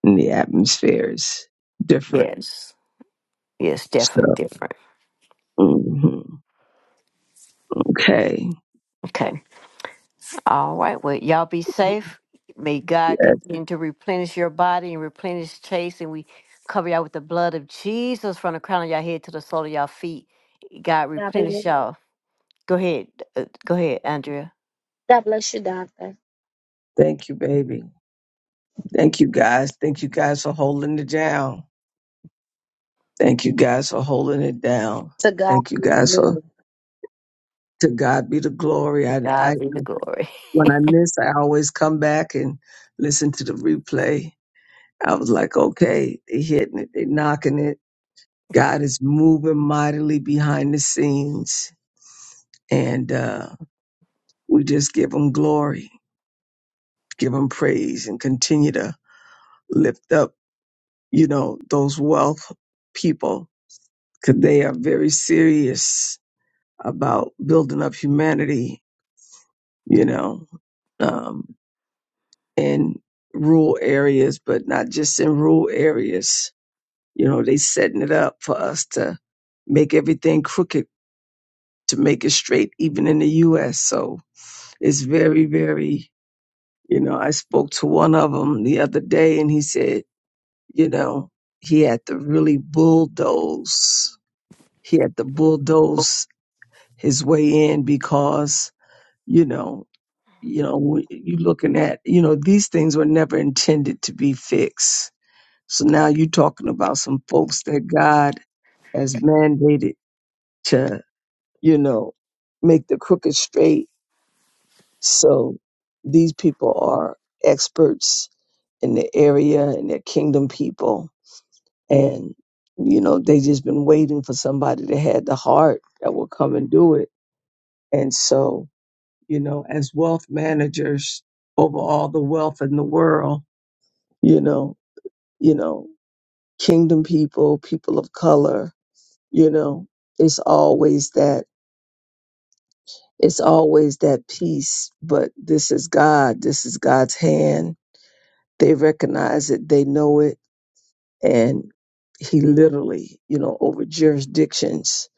Speaker 5: And the atmosphere is different.
Speaker 1: Yes. Yes,
Speaker 5: So,
Speaker 1: definitely different.
Speaker 5: mhm. okay.
Speaker 1: Okay. All right. Well, y'all be safe. May God
Speaker 5: Yes.
Speaker 1: continue to replenish your body and replenish Chase. And we cover y'all with the blood of Jesus from the crown of your head to the sole of your feet. God
Speaker 4: God
Speaker 1: replenish
Speaker 4: bless
Speaker 1: y'all. Go ahead. Uh, go ahead, Andrea.
Speaker 4: God bless you, Doctor.
Speaker 5: Thank you, baby. Thank you, guys. Thank you guys for holding it down. Thank you guys for holding it down.
Speaker 4: To God.
Speaker 5: Thank you
Speaker 4: be the
Speaker 5: guys for
Speaker 4: glory.
Speaker 5: To God be the glory.
Speaker 1: To
Speaker 5: I,
Speaker 1: God
Speaker 5: I
Speaker 1: be the glory.
Speaker 5: when I miss, I always come back and listen to the replay. I was like, okay, they hitting it, they knocking it. God is moving mightily behind the scenes, and uh, we just give Him glory, give Him praise, and continue to lift up, you know, those wealth people because they are very serious about building up humanity. You know, um, in rural areas, but not just in rural areas. You know, they setting it up for us to make everything crooked to make it straight, even in the U.S. So it's very, very. You know, I spoke to one of them the other day, and he said, you know, he had to really bulldoze. He had to bulldoze his way in because, you know, you know, when you looking at, you know, these things were never intended to be fixed So now you're talking about some folks that God has mandated to, you know, make the crooked straight. So these people are experts in the area and they're kingdom people. And, you know, they just been waiting for somebody that had the heart that will come and do it. And so, you know, as wealth managers over all the wealth in the world, you know, you know, kingdom people, people of color, you know it's always that it's always that peace but this is god this is god's hand they recognize it they know it and he literally you know over jurisdictions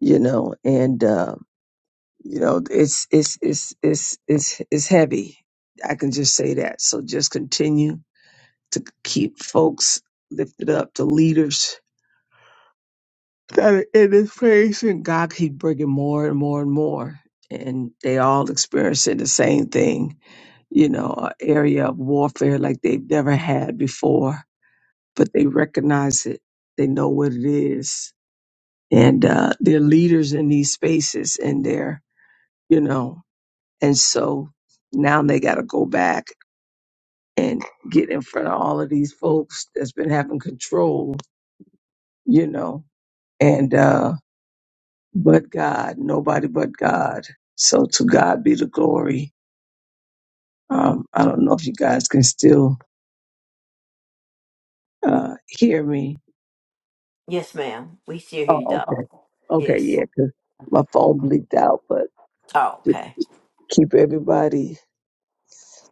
Speaker 5: you know and uh you know it's it's it's it's it's it's heavy i can just say that so just continue to keep folks lifted up to leaders that in His praise, and God keep bringing more and more and more, and they all experiencing the same thing, you know, a area of warfare like they've never had before, but they recognize it, they know what it is, and uh, they're leaders in these spaces, and they're, you know, and so now they got to go back and get in front of all of these folks that's been having control, you know, and. Uh, but God, nobody but God. So to God be the glory. Um, I don't know if you guys can still uh, hear me.
Speaker 1: Yes, ma'am. We still hear you,
Speaker 5: Oh, okay.
Speaker 1: Doc.
Speaker 5: Okay,
Speaker 1: Yes.
Speaker 5: yeah, cause my phone bleeped out, but
Speaker 1: Oh,
Speaker 5: just
Speaker 1: okay.
Speaker 5: keep everybody,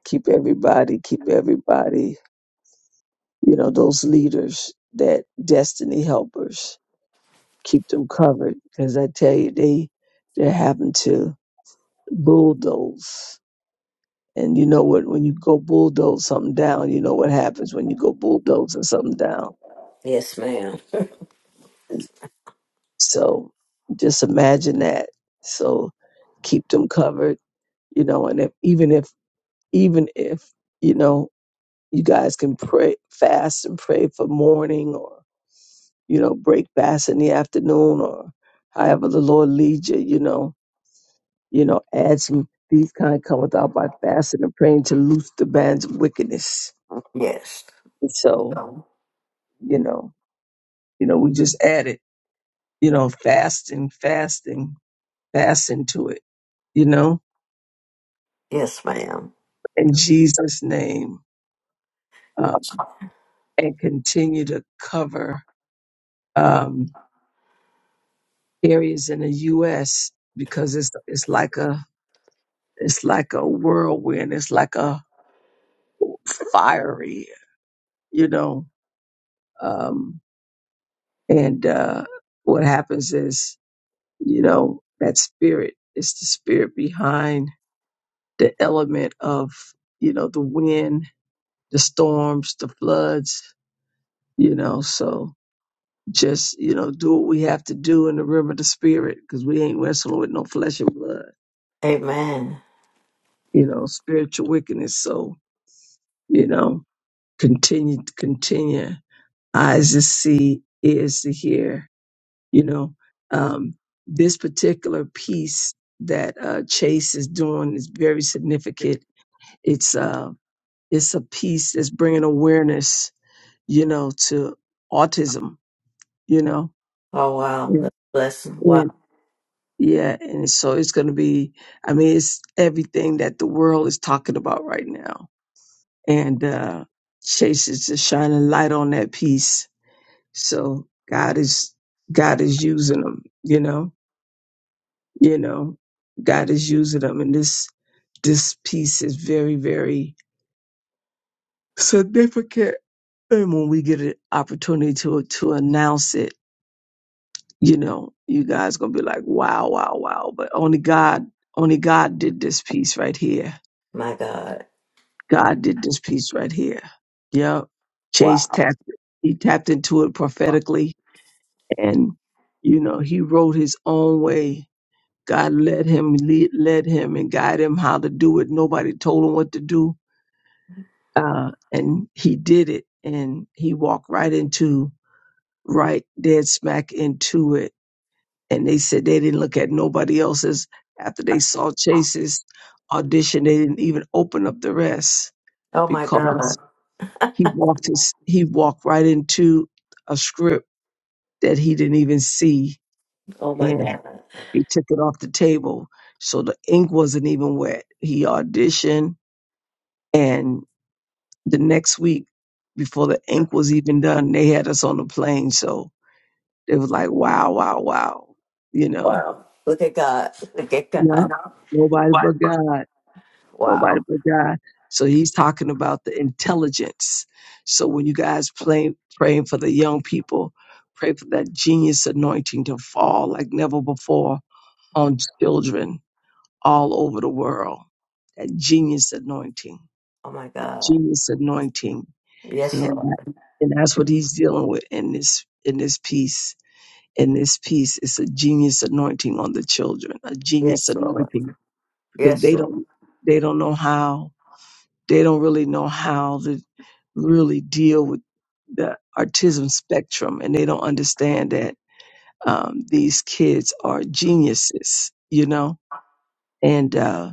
Speaker 5: keep everybody, keep everybody, you know, those leaders, that destiny helpers, keep them covered. Because I tell you, they, they're having to bulldoze And you know what? When you go bulldoze something down, you know what happens when you go bulldozing something down.
Speaker 1: Yes, ma'am.
Speaker 5: So just imagine that. So keep them covered, you know. And if, even if, even if, you know, you guys can pray, fast and pray for morning, or you know, break fast in the afternoon, or however the Lord leads you, you know, you know, add some. These kind come without by fasting and praying to loose the bands of wickedness.
Speaker 1: Yes.
Speaker 5: So
Speaker 1: So,
Speaker 5: you know. You know, we just added, you know, fasting, fasting, fasting to it, you know,
Speaker 1: Yes, ma'am.
Speaker 5: in Jesus' name, um, and continue to cover um, areas in the U.S. because it's it's like a it's like a whirlwind, it's like a fiery, you know, um, and uh, what happens is, you know, that spirit is the spirit behind the element of, you know, the wind the storms, the floods, you know. So just, you know, do what we have to do in the realm of the spirit because we ain't wrestling with no flesh and blood,
Speaker 1: Amen.
Speaker 5: you know, spiritual wickedness. So, you know, continue, continue. Eyes to see, ears to hear, you know. Um, this particular piece that uh, Chase is doing is very significant. It's uh, it's a piece that's bringing awareness, you know, to autism, you know,
Speaker 1: Oh, wow. That's a blessing.
Speaker 5: And
Speaker 1: Wow.
Speaker 5: yeah, and so it's going to be, I mean, it's everything that the world is talking about right now. And uh, Chase is just shining light on that piece. So God is, God is using them, you know, you know, God is using them. And this, this piece is very, very significant. And when we get an opportunity to, to announce it, you know, you guys going to be like, wow, wow, wow. But only God, only God did this piece right here
Speaker 1: My God.
Speaker 5: God did this piece right here. Yep. Chase
Speaker 1: Wow.
Speaker 5: tapped he tapped into it prophetically and you know, he wrote his own way. God led him lead, led him and guided him how to do it. Nobody told him what to do. Uh and he did it and he walked right into right dead smack into it. And they said they didn't look at nobody else's after they saw Chase's audition, they didn't even open up the rest
Speaker 1: Oh, my
Speaker 5: because
Speaker 1: God.
Speaker 5: He walked his he walked right into a script that he didn't even see
Speaker 1: Oh, my
Speaker 5: and
Speaker 1: God.
Speaker 5: he took it off the table. So the ink wasn't even wet. He auditioned and the next week before the ink was even done, they had us on the plane. So it was like, wow, wow, wow. You know?
Speaker 1: Wow. Look at God. Look at
Speaker 5: Yep.
Speaker 1: God.
Speaker 5: Nobody but God. nobody
Speaker 1: Wow.
Speaker 5: but God. So he's talking about the intelligence. So when you guys play, praying for the young people, pray for that genius anointing to fall like never before on children all over the world. That genius anointing,
Speaker 1: Oh, my God.
Speaker 5: genius anointing,
Speaker 1: Yes,
Speaker 5: and
Speaker 1: Lord.
Speaker 5: and that's what he's dealing with in this in this piece. In this piece, it's a genius anointing on the children, a genius
Speaker 1: Yes, Lord.
Speaker 5: anointing because
Speaker 1: Yes,
Speaker 5: they
Speaker 1: Lord.
Speaker 5: don't they don't know how they don't really know how to really deal with the autism spectrum and they don't understand that um, these kids are geniuses you know and uh,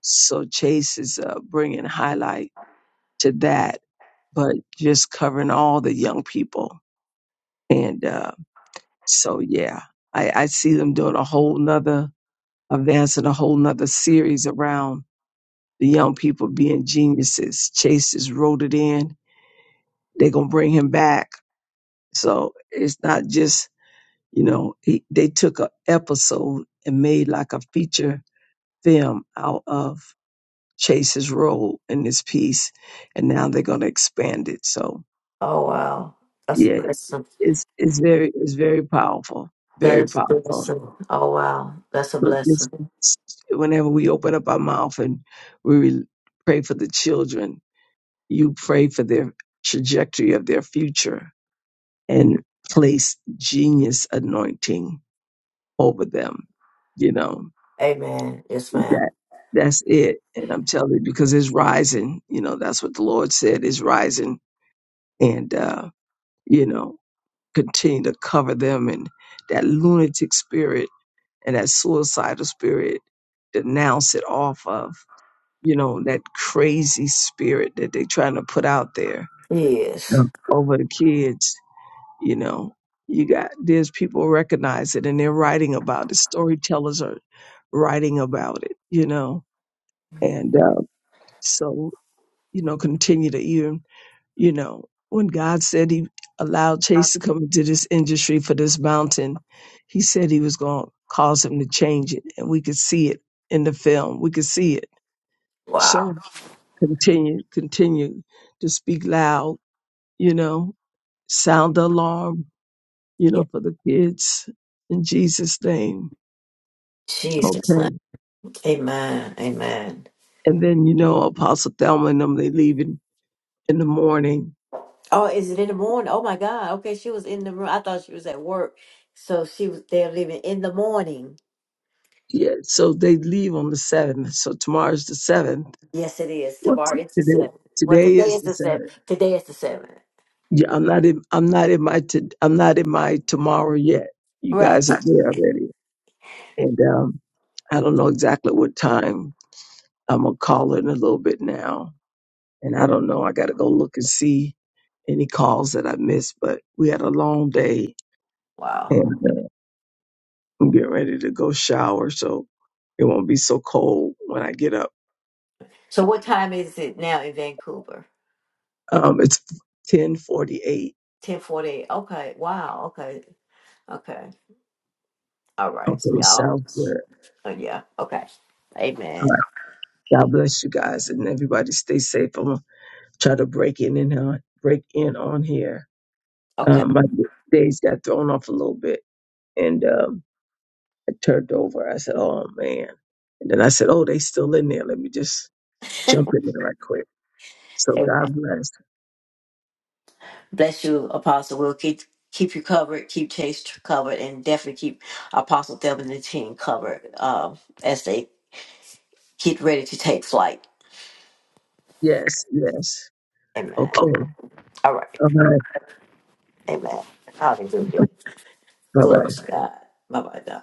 Speaker 5: so chase is uh, bringing highlight to that but just covering all the young people and uh, so yeah I, I see them doing a whole nother advancing a whole nother series around the young people being geniuses chase just wrote it in they're gonna bring him back So it's not just, you know, he, they took an episode and made like a feature film out of Chase's role in this piece, and now they're going to expand it. So
Speaker 1: Oh, wow. That's
Speaker 5: yeah,
Speaker 1: a
Speaker 5: it's
Speaker 1: blessing.
Speaker 5: it's it's very it's very powerful,
Speaker 1: That
Speaker 5: very
Speaker 1: is a
Speaker 5: powerful.
Speaker 1: blessing. Oh wow, that's a
Speaker 5: But this,
Speaker 1: blessing.
Speaker 5: whenever we open up our mouth and we re- pray for the children, you pray for their trajectory of their future and place genius anointing over them. You know
Speaker 1: Amen. Yes,
Speaker 5: that
Speaker 1: ma'am.
Speaker 5: that's it. And I'm telling you because it's rising. You know that's what the Lord said is rising, and uh, you know continue to cover them and that lunatic spirit and that suicidal spirit. Denounce it off of you know that crazy spirit that they're trying to put out there Yeah.
Speaker 1: Yes.
Speaker 5: over the kids you know you got there's people recognize it and they're writing about it storytellers are writing about it you know and uh, so you know continue to even you know when god said he allowed chase to come into this industry for this mountain he said he was going to cause him to change it and we could see it in the film we could see it
Speaker 1: Wow.
Speaker 5: so continue continue to speak loud you know sound the alarm you
Speaker 1: Yeah.
Speaker 5: know, for the kids in Jesus' name.
Speaker 1: Jesus. name.
Speaker 5: Okay.
Speaker 1: Amen. Amen.
Speaker 5: And then, you know, Apostle Thelma and them, they leave in, in the morning.
Speaker 1: Oh, is it in the morning? Oh my God. Okay, she was in the room. I thought she was at work, so she was there living in the morning.
Speaker 5: Yeah. So they leave on the 7th. So tomorrow's the 7th.
Speaker 1: Yes, it is.
Speaker 5: What's
Speaker 1: Tomorrow it's the
Speaker 5: today?
Speaker 1: seventh. Well,
Speaker 5: Today
Speaker 1: today
Speaker 5: is
Speaker 1: is
Speaker 5: the
Speaker 1: the
Speaker 5: 7th.
Speaker 1: seventh. Today is the seventh.
Speaker 5: Yeah. I'm not in, I'm not in my, to, I'm not in my tomorrow yet. You
Speaker 1: Right.
Speaker 5: guys are there already. And, um, I don't know exactly what time I'm going to call in a little bit now And I don't know, I got to go look and see any calls that I missed, but we had a long day and
Speaker 1: Wow.
Speaker 5: uh, I'm getting ready to go shower. So it won't be so cold when I get up.
Speaker 1: So what time is it now in Vancouver?
Speaker 5: Um, it's 1048.
Speaker 1: Ten forty. Okay. Wow. Okay. Okay. All
Speaker 5: Okay.
Speaker 1: right. So
Speaker 5: Sounds
Speaker 1: y'all.
Speaker 5: good.
Speaker 1: Oh, yeah. Okay.
Speaker 5: All
Speaker 1: Amen.
Speaker 5: right. God bless you guys and everybody stay safe. I'm going to try to break in and on, break in on here.
Speaker 1: Okay.
Speaker 5: Um, my days got thrown off a little bit and, um, I turned over. I said, Oh man. And then I said, Oh, they still in there. Let me just jump in there right quick. So
Speaker 1: Amen.
Speaker 5: God bless.
Speaker 1: Bless you, Apostle. We'll keep keep you covered, keep Chase covered, and definitely keep Apostle Devin and the team covered um, as they get ready to take flight.
Speaker 5: Yes, yes.
Speaker 1: Amen.
Speaker 5: Okay.
Speaker 1: Okay. All right.
Speaker 5: All right.
Speaker 1: Amen. Hallelujah.
Speaker 5: Bye
Speaker 1: Glory
Speaker 5: bye.
Speaker 1: to God. Bye bye,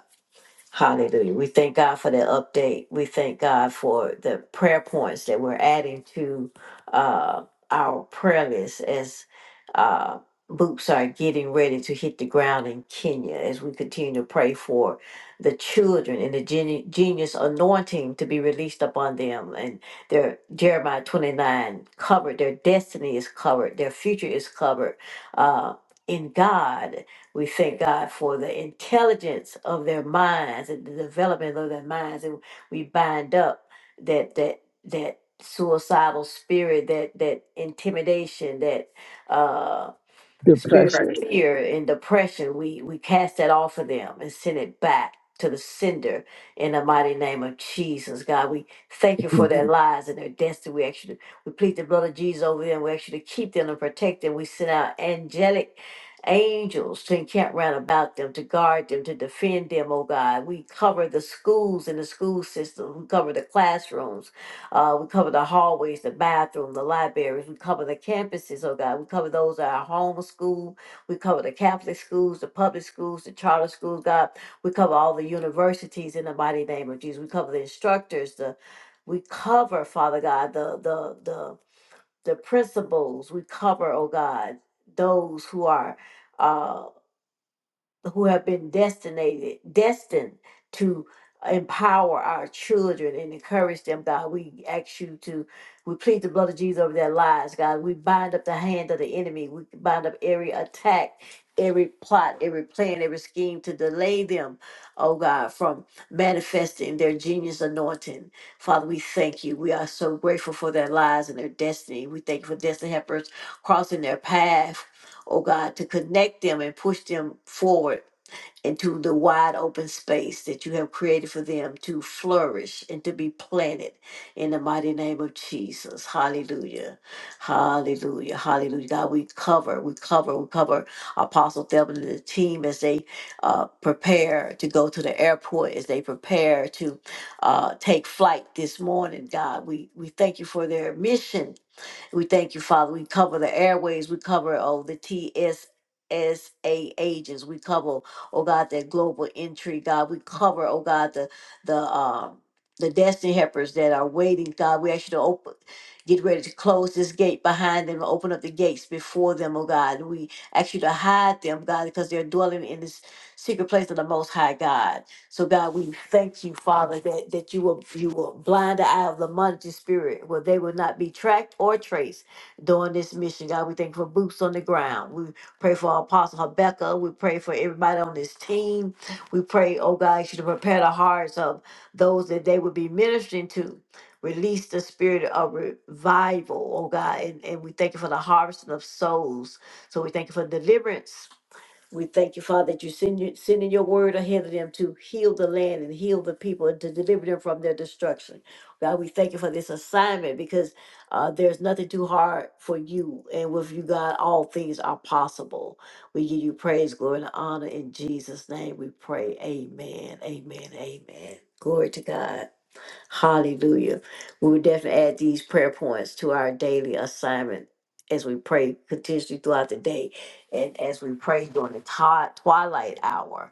Speaker 1: Hallelujah. We thank God for that update. We thank God for the prayer points that we're adding to uh, our prayer list as uh, boots are getting ready to hit the ground in Kenya as we continue to pray for the children and the geni- genius anointing to be released upon them. And their Jeremiah 29 covered, their destiny is covered, their future is covered uh, in God. We thank God for the intelligence of their minds and the development of their minds. And we bind up that that that suicidal spirit, that that intimidation, that uh, spirit of Correct.
Speaker 5: Depression.
Speaker 1: fear and depression, we we cast that off of them and send it back to the sender in the mighty name of Jesus. God, we thank you for
Speaker 5: Mhm.
Speaker 1: their Mhm. lives and their destiny. We actually we plead the blood of Jesus over them. We actually keep them and protect them. We send out angelic angels to encamp round about them, to guard them, to defend them, oh God. We cover the schools and the school system. We cover the classrooms. Uh, we cover the hallways, the bathroom, the libraries. We cover the campuses, oh God. We cover those at our home school. We cover the Catholic schools, the public schools, the charter schools, God. We cover all the universities in the mighty name of Jesus. We cover the instructors, the we cover, Father God, the the the the principals. We cover, oh God, those who are uh who have been destinated, destined to empower our children and encourage them, God. We ask you to, we plead the blood of Jesus over their lives, God. We bind up the hand of the enemy. We bind up every attack, every plot, every plan, every scheme to delay them, oh God, from manifesting their genius anointing. Father, we thank you. We are so grateful for their lives and their destiny. We thank you for destiny helpers crossing their path oh God, to connect them and push them forward into the wide open space that you have created for them to flourish and to be planted in the mighty name of Jesus. Hallelujah. Hallelujah. Hallelujah. God, we cover, we cover, we cover Apostle Thelman and the team as they uh, prepare to go to the airport, as they prepare to uh, take flight this morning. God, we, we thank you for their mission we thank you, Father. We cover the airways. We cover, oh, the TSSA agents. We cover, oh God, that global entry, God. We cover, oh God, the the um the destiny helpers that are waiting, God. We ask you to open, get ready to close this gate behind them, open up the gates before them, oh God. We ask you to hide them, God, because they're dwelling in this secret place of the Most High God. So God, we thank you, Father, that, that you will you will blind the eye of the monetary spirit, where they will not be tracked or traced during this mission. God, we thank you for boots on the ground. We pray for our Apostle Rebecca. We pray for everybody on this team. We pray, oh God, you to prepare the hearts of those that they would be ministering to. Release the spirit of revival, oh God. And, and we thank you for the harvest of souls. So we thank you for deliverance we thank you, Father, that you send you, sending your word ahead of them to heal the land and heal the people and to deliver them from their destruction. God, we thank you for this assignment because uh, there's nothing too hard for you. And with you, God, all things are possible. We give you praise, glory, and honor. In Jesus' name we pray. Amen. Amen. Amen. Glory to God. Hallelujah. We will definitely add these prayer points to our daily assignment as we pray continuously throughout the day and as we pray during the twi- twilight hour.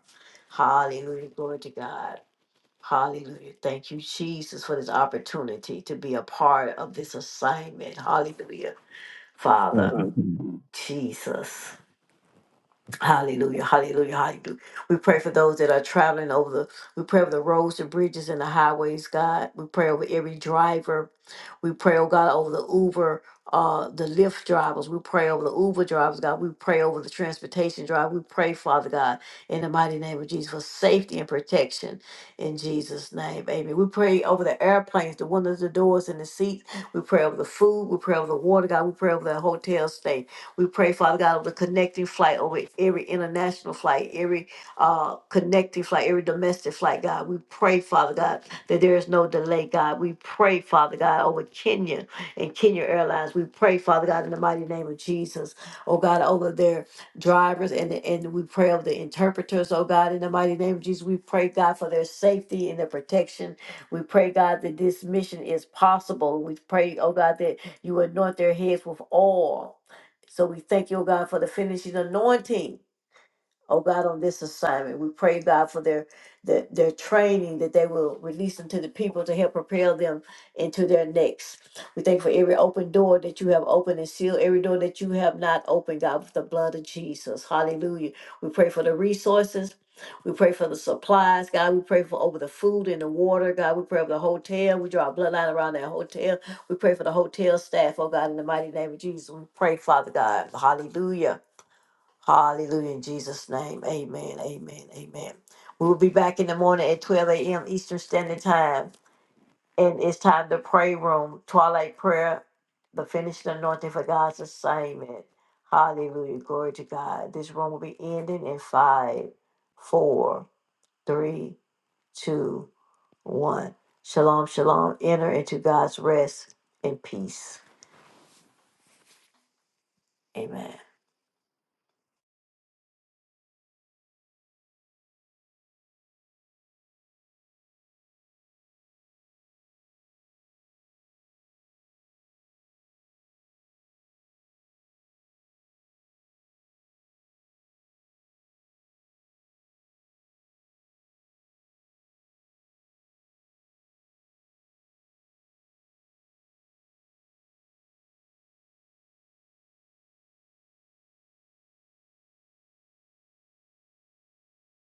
Speaker 1: Hallelujah. Glory to God. Hallelujah. Thank you, Jesus, for this opportunity to be a part of this assignment. Hallelujah. Father,
Speaker 5: Mhm.
Speaker 1: Jesus. Hallelujah, hallelujah, hallelujah. We pray for those that are traveling over the, we pray over the roads, and bridges, and the highways, God. We pray over every driver. We pray, oh God, over the Uber, uh, the Lyft drivers. We pray over the Uber drivers, God. We pray over the transportation driver. We pray, Father God, in the mighty name of Jesus, for safety and protection in Jesus' name. Amen. We pray over the airplanes, the windows, the doors, and the seats. We pray over the food. We pray over the water, God. We pray over the hotel stay. We pray, Father God, of the connecting flight over every international flight, every uh, connecting flight, every domestic flight, God. We pray, Father God, that there is no delay, God. We pray, Father God, over Kenya and Kenya Airlines. We pray, Father God, in the mighty name of Jesus, oh God, over their drivers and and we pray over the interpreters, oh God, in the mighty name of Jesus. We pray, God, for their safety and their protection. We pray, God, that this mission is possible. We pray, oh God, that you anoint their heads with oil. So we thank you, O God, for the finishing anointing oh God, on this assignment. We pray, God, for their, their their training that they will release them to the people to help propel them into their next. We thank for every open door that you have opened and sealed, every door that you have not opened, God, with the blood of Jesus. Hallelujah. We pray for the resources. We pray for the supplies, God. We pray for over the food and the water, God. We pray for the hotel. We draw a bloodline around that hotel. We pray for the hotel staff, oh God, in the mighty name of Jesus. We pray, Father God. Hallelujah Hallelujah. In Jesus' name. Amen. Amen. Amen. We will be back in the morning at 12 a.m. Eastern Standard Time. And it's time to pray room, twilight prayer, the finished anointing for God's assignment. Hallelujah. Glory to God. This room will be ending in five, four, three, two, one. Shalom, shalom. Enter into God's rest and peace. Amen.